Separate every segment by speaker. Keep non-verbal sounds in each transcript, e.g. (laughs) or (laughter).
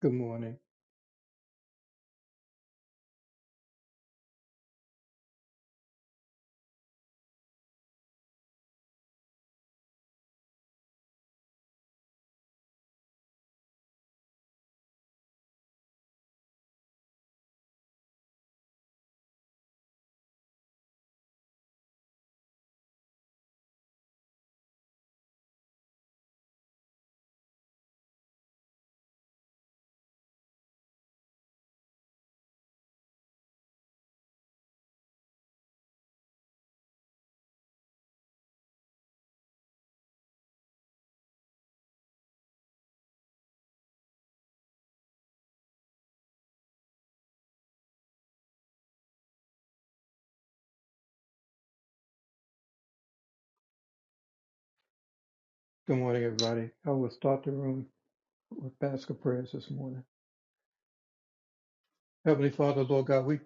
Speaker 1: Good morning. Good morning, everybody. I will start the room with basket prayers this morning. Heavenly Father, Lord God, we,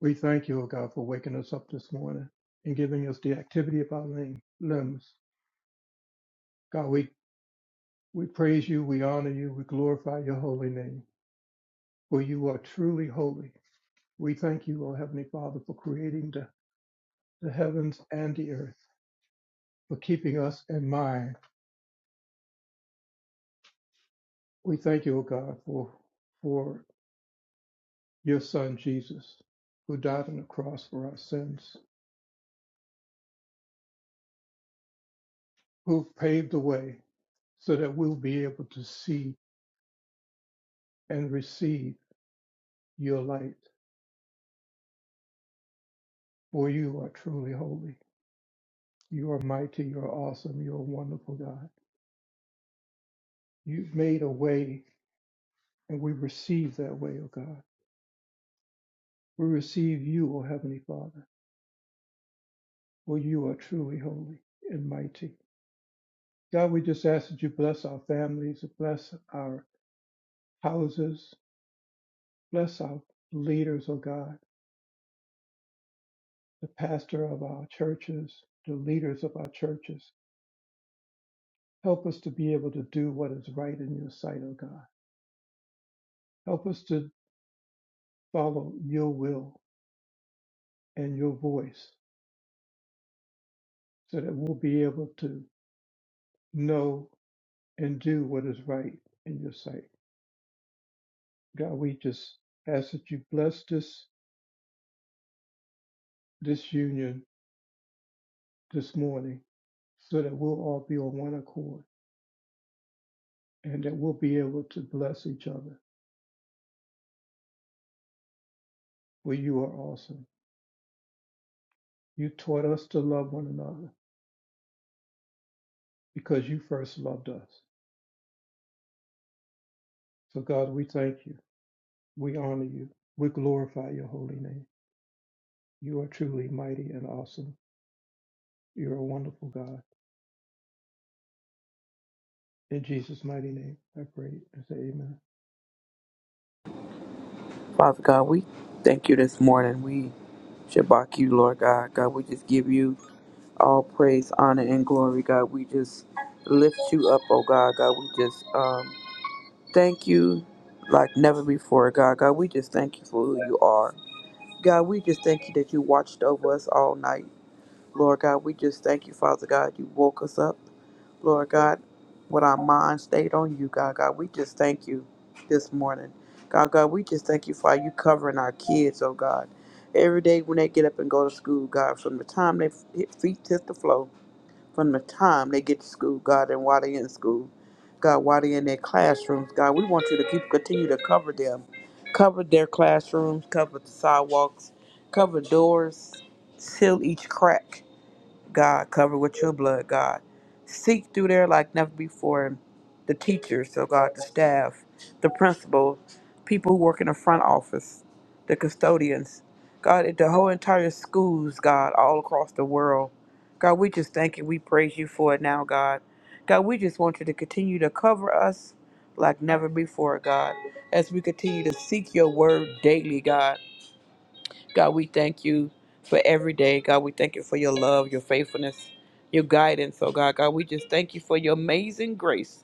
Speaker 1: we thank you, O God, for waking us up this morning and giving us the activity of our lim- limbs. God, we, we praise you, we honor you, we glorify your holy name, for you are truly holy. We thank you, O Heavenly Father, for creating the, the heavens and the earth, for keeping us in mind. We thank you, O God, for, for your son, Jesus, who died on the cross for our sins. who paved the way so that we'll be able to see and receive your light. For you are truly holy. You are mighty. You are awesome. You are wonderful, God. You've made a way, and we receive that way, O God. We receive you, O Heavenly Father, for you are truly holy and mighty. God, we just ask that you bless our families, bless our houses, bless our leaders, O God, the pastor of our churches, the leaders of our churches. Help us to be able to do what is right in your sight, O God. Help us to follow your will and your voice so that we'll be able to know and do what is right in your sight. God, we just ask that you bless this, this union this morning so that we'll all be on one accord and that we'll be able to bless each other. For you are awesome. You taught us to love one another because you first loved us. So, God, we thank you. We honor you. We glorify your holy name. You are truly mighty and awesome. You're a wonderful God. In Jesus' mighty name, I pray and say amen.
Speaker 2: Father God, we thank you this morning. We shabak you, Lord God. God, we just give you all praise, honor, and glory. God, we just lift you up, oh God. God, we just um, thank you like never before, God. God, we just thank you for who you are. God, we just thank you that you watched over us all night. Lord God, we just thank you, Father God, you woke us up. Lord God, with our mind stayed on you, God God. We just thank you this morning. God God, we just thank you for you covering our kids, oh God. Every day when they get up and go to school, God, from the time they hit feet hit the floor, from the time they get to school, God, and while they in school, God, while they in their classrooms, God, we want you to keep continue to cover them. Cover their classrooms, cover the sidewalks, cover doors, seal each crack. God, cover with your blood, God. Seek through there like never before. The teachers, oh God, the staff, the principal, people who work in the front office, the custodians, God, the whole entire schools, God, all across the world. God, we just thank you. We praise you for it now, God. God, we just want you to continue to cover us like never before, God, as we continue to seek your word daily, God. God, we thank you for every day. God, we thank you for your love, your faithfulness, your guidance. Oh, God, God, we just thank you for your amazing grace.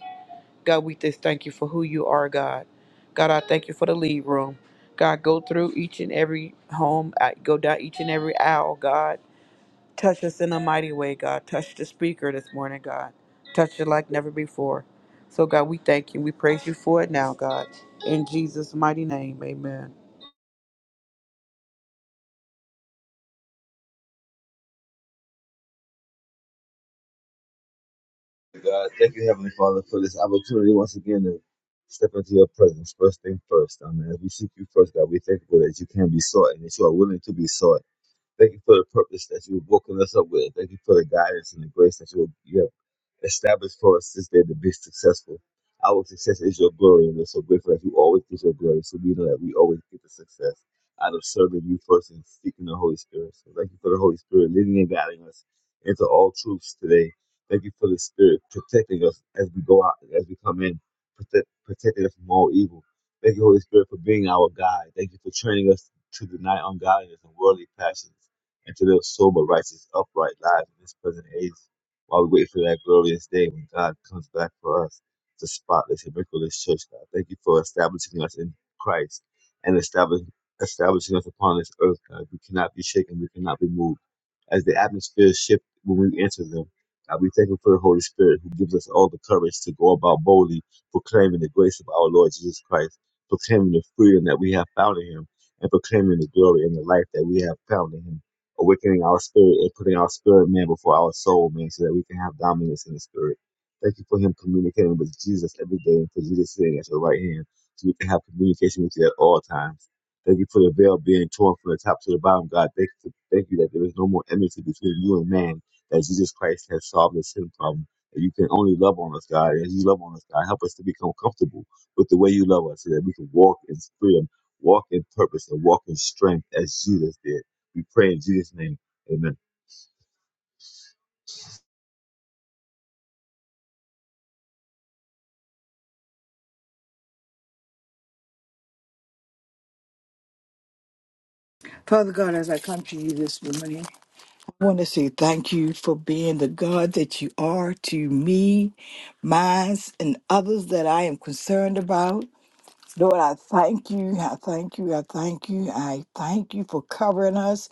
Speaker 2: God, we just thank you for who you are, God. God, I thank you for the lead room. God, go through each and every home, I- go down each and every aisle, God. Touch us in a mighty way, God. Touch the speaker this morning, God. Touch it like never before. So, God, we thank you. We praise you for it now, God. In Jesus' mighty name, amen.
Speaker 3: God, thank you, Heavenly Father, for this opportunity once again to step into your presence. First thing first, I mean, as we seek you first, God, we thank you that you can be sought and that you are willing to be sought. Thank you for the purpose that you have woken us up with. Thank you for the guidance and the grace that you have. Established for us this day to be successful. Our success is your glory, and we're so grateful that you always get your glory. So we know that we always get the success out of serving you first and seeking the Holy Spirit. So thank you for the Holy Spirit leading and guiding us into all truths today. Thank you for the Spirit protecting us as we go out, as we come in, protect, protecting us from all evil. Thank you, Holy Spirit, for being our guide. Thank you for training us to deny ungodliness and worldly passions and to live sober, righteous, upright lives in this present age while we wait for that glorious day when God comes back for us to spotless and miraculous church, God. Thank you for establishing us in Christ and establishing establishing us upon this earth, God. We cannot be shaken, we cannot be moved as the atmosphere shift when we enter them. God, we thank you for the Holy Spirit who gives us all the courage to go about boldly proclaiming the grace of our Lord Jesus Christ, proclaiming the freedom that we have found in Him, and proclaiming the glory and the life that we have found in Him, awakening our spirit and putting our spirit man before our soul man so that we can have dominance in the spirit. Thank you for Him communicating with Jesus every day and for Jesus sitting at your right hand so we can have communication with you at all times. Thank you for the veil being torn from the top to the bottom, God. Thank you, thank you that there is no more enmity between you and man, that Jesus Christ has solved the sin problem. That you can only love on us, God. As you love on us, God, help us to become comfortable with the way you love us so that we can walk in freedom, walk in purpose, and walk in strength as Jesus did. We pray in Jesus' name. Amen.
Speaker 4: Father God, as I come to you this morning, I want to say thank you for being the God that you are to me, mine, and others that I am concerned about. Lord, I thank you. I thank you. I thank you. I thank you for covering us.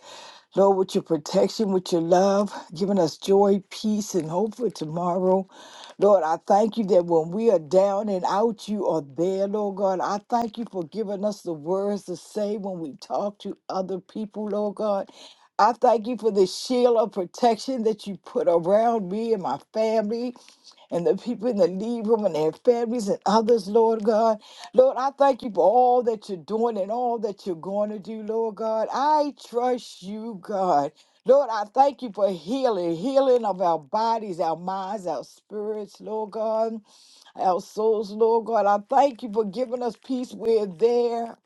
Speaker 4: Lord, with your protection, with your love, giving us joy, peace, and hope for tomorrow. Lord, I thank you that when we are down and out, you are there, Lord God. I thank you for giving us the words to say when we talk to other people, Lord God. I thank you for the shield of protection that you put around me and my family and the people in the lead room and their families and others, Lord God. Lord, I thank you for all that you're doing and all that you're going to do, Lord God. I trust you, God. Lord, I thank you for healing, healing of our bodies, our minds, our spirits, Lord God, our souls, Lord God. I thank you for giving us peace where there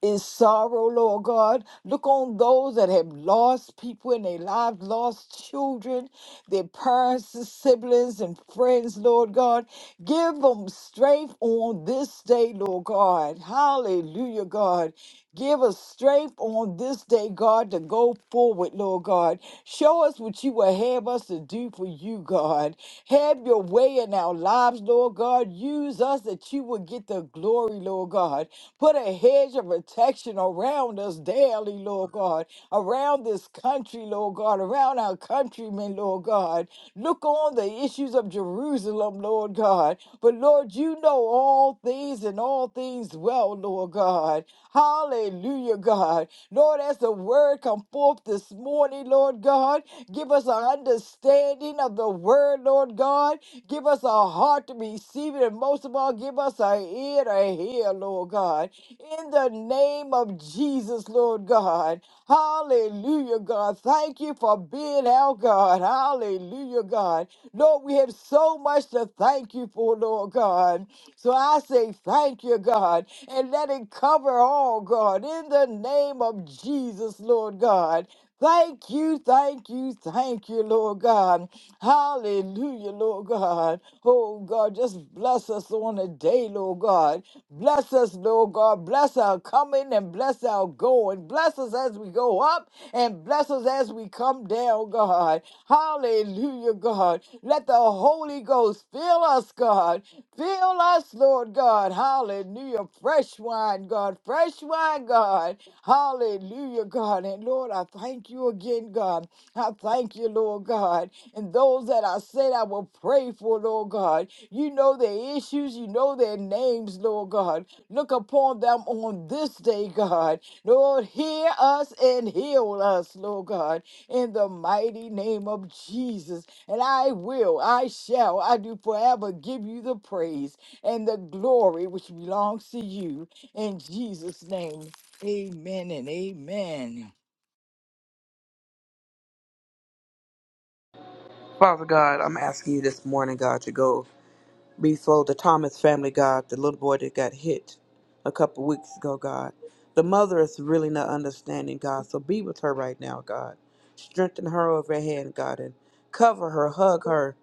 Speaker 4: is sorrow, Lord God. Look on those that have lost people in their lives, lost children, their parents, and siblings, and friends, Lord God. Give them strength on this day, Lord God. Hallelujah, God. Give us strength on this day, God, to go forward, Lord God. Show us what you will have us to do for you, God. Have your way in our lives, Lord God. Use us that you will get the glory, Lord God. Put a hedge of protection around us daily, Lord God. Around this country, Lord God. Around our countrymen, Lord God. Look on the issues of Jerusalem, Lord God. But Lord, you know all things and all things well, Lord God. Hallelujah, God. Lord, as the word come forth this morning, Lord God, give us an understanding of the word, Lord God. Give us a heart to receive it, and most of all, give us an ear to hear, Lord God. In the name of Jesus, Lord God. Hallelujah, God. Thank you for being our God. Hallelujah, God. Lord, we have so much to thank you for, Lord God. So I say thank you, God and let it cover all, God, in the name of Jesus, Lord God. Thank you, thank you, thank you, Lord God. Hallelujah, Lord God. Oh, God, just bless us on the day, Lord God. Bless us, Lord God. Bless our coming and bless our going. Bless us as we go up and bless us as we come down, God. Hallelujah, God. Let the Holy Ghost fill us, God. Fill us, Lord God. God. Hallelujah. Fresh wine, God. Fresh wine, God. Hallelujah, God. And Lord, I thank you again, God. I thank you, Lord God. And those that I said I will pray for, Lord God. You know their issues. You know their names, Lord God. Look upon them on this day, God. Lord, hear us and heal us, Lord God, in the mighty name of Jesus. And I will, I shall, I do forever give you the praise and the glory which belongs to you. In Jesus' name, amen and amen.
Speaker 2: Father God, I'm asking you this morning, God, to go. before the Thomas family, God, the little boy that got hit a couple weeks ago, God. The mother is really not understanding, God. So be with her right now, God. Strengthen her over her hand, God, and cover her, hug her,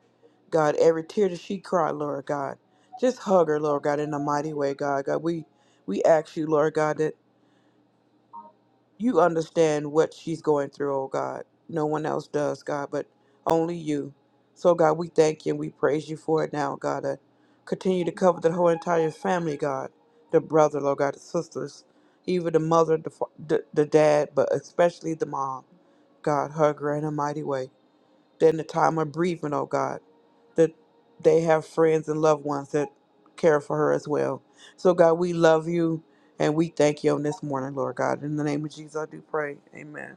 Speaker 2: God. Every tear that she cried, Lord God, just hug her, Lord God, in a mighty way, God. God, we we ask you, Lord God, that. You understand what she's going through, oh God. No one else does, God, but only you. So, God, we thank you and we praise you for it now, God. Uh, continue to cover the whole entire family, God. The brother, Lord God, the sisters, even the mother, the, fa- the, the dad, but especially the mom. God, hug her in a mighty way that in the time of bereavement, oh God, that they have friends and loved ones that care for her as well. So, God, we love you and we thank you on this morning, Lord God. In the name of Jesus, I do pray. Amen.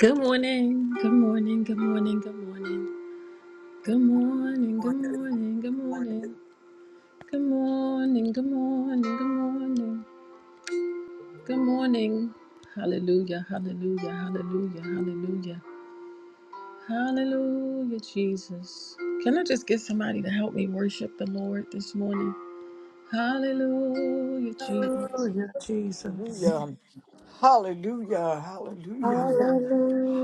Speaker 5: Good morning. Good morning. Good morning. Good morning. Good morning. Good morning. Good morning. Good morning. Good morning. Good morning. Good morning. Hallelujah. Hallelujah. Hallelujah. Hallelujah. Hallelujah, Jesus. Can I just get somebody to help me worship the Lord this morning? Hallelujah, Jesus.
Speaker 2: Jesus.
Speaker 4: Hallelujah. Hallelujah. Hallelujah.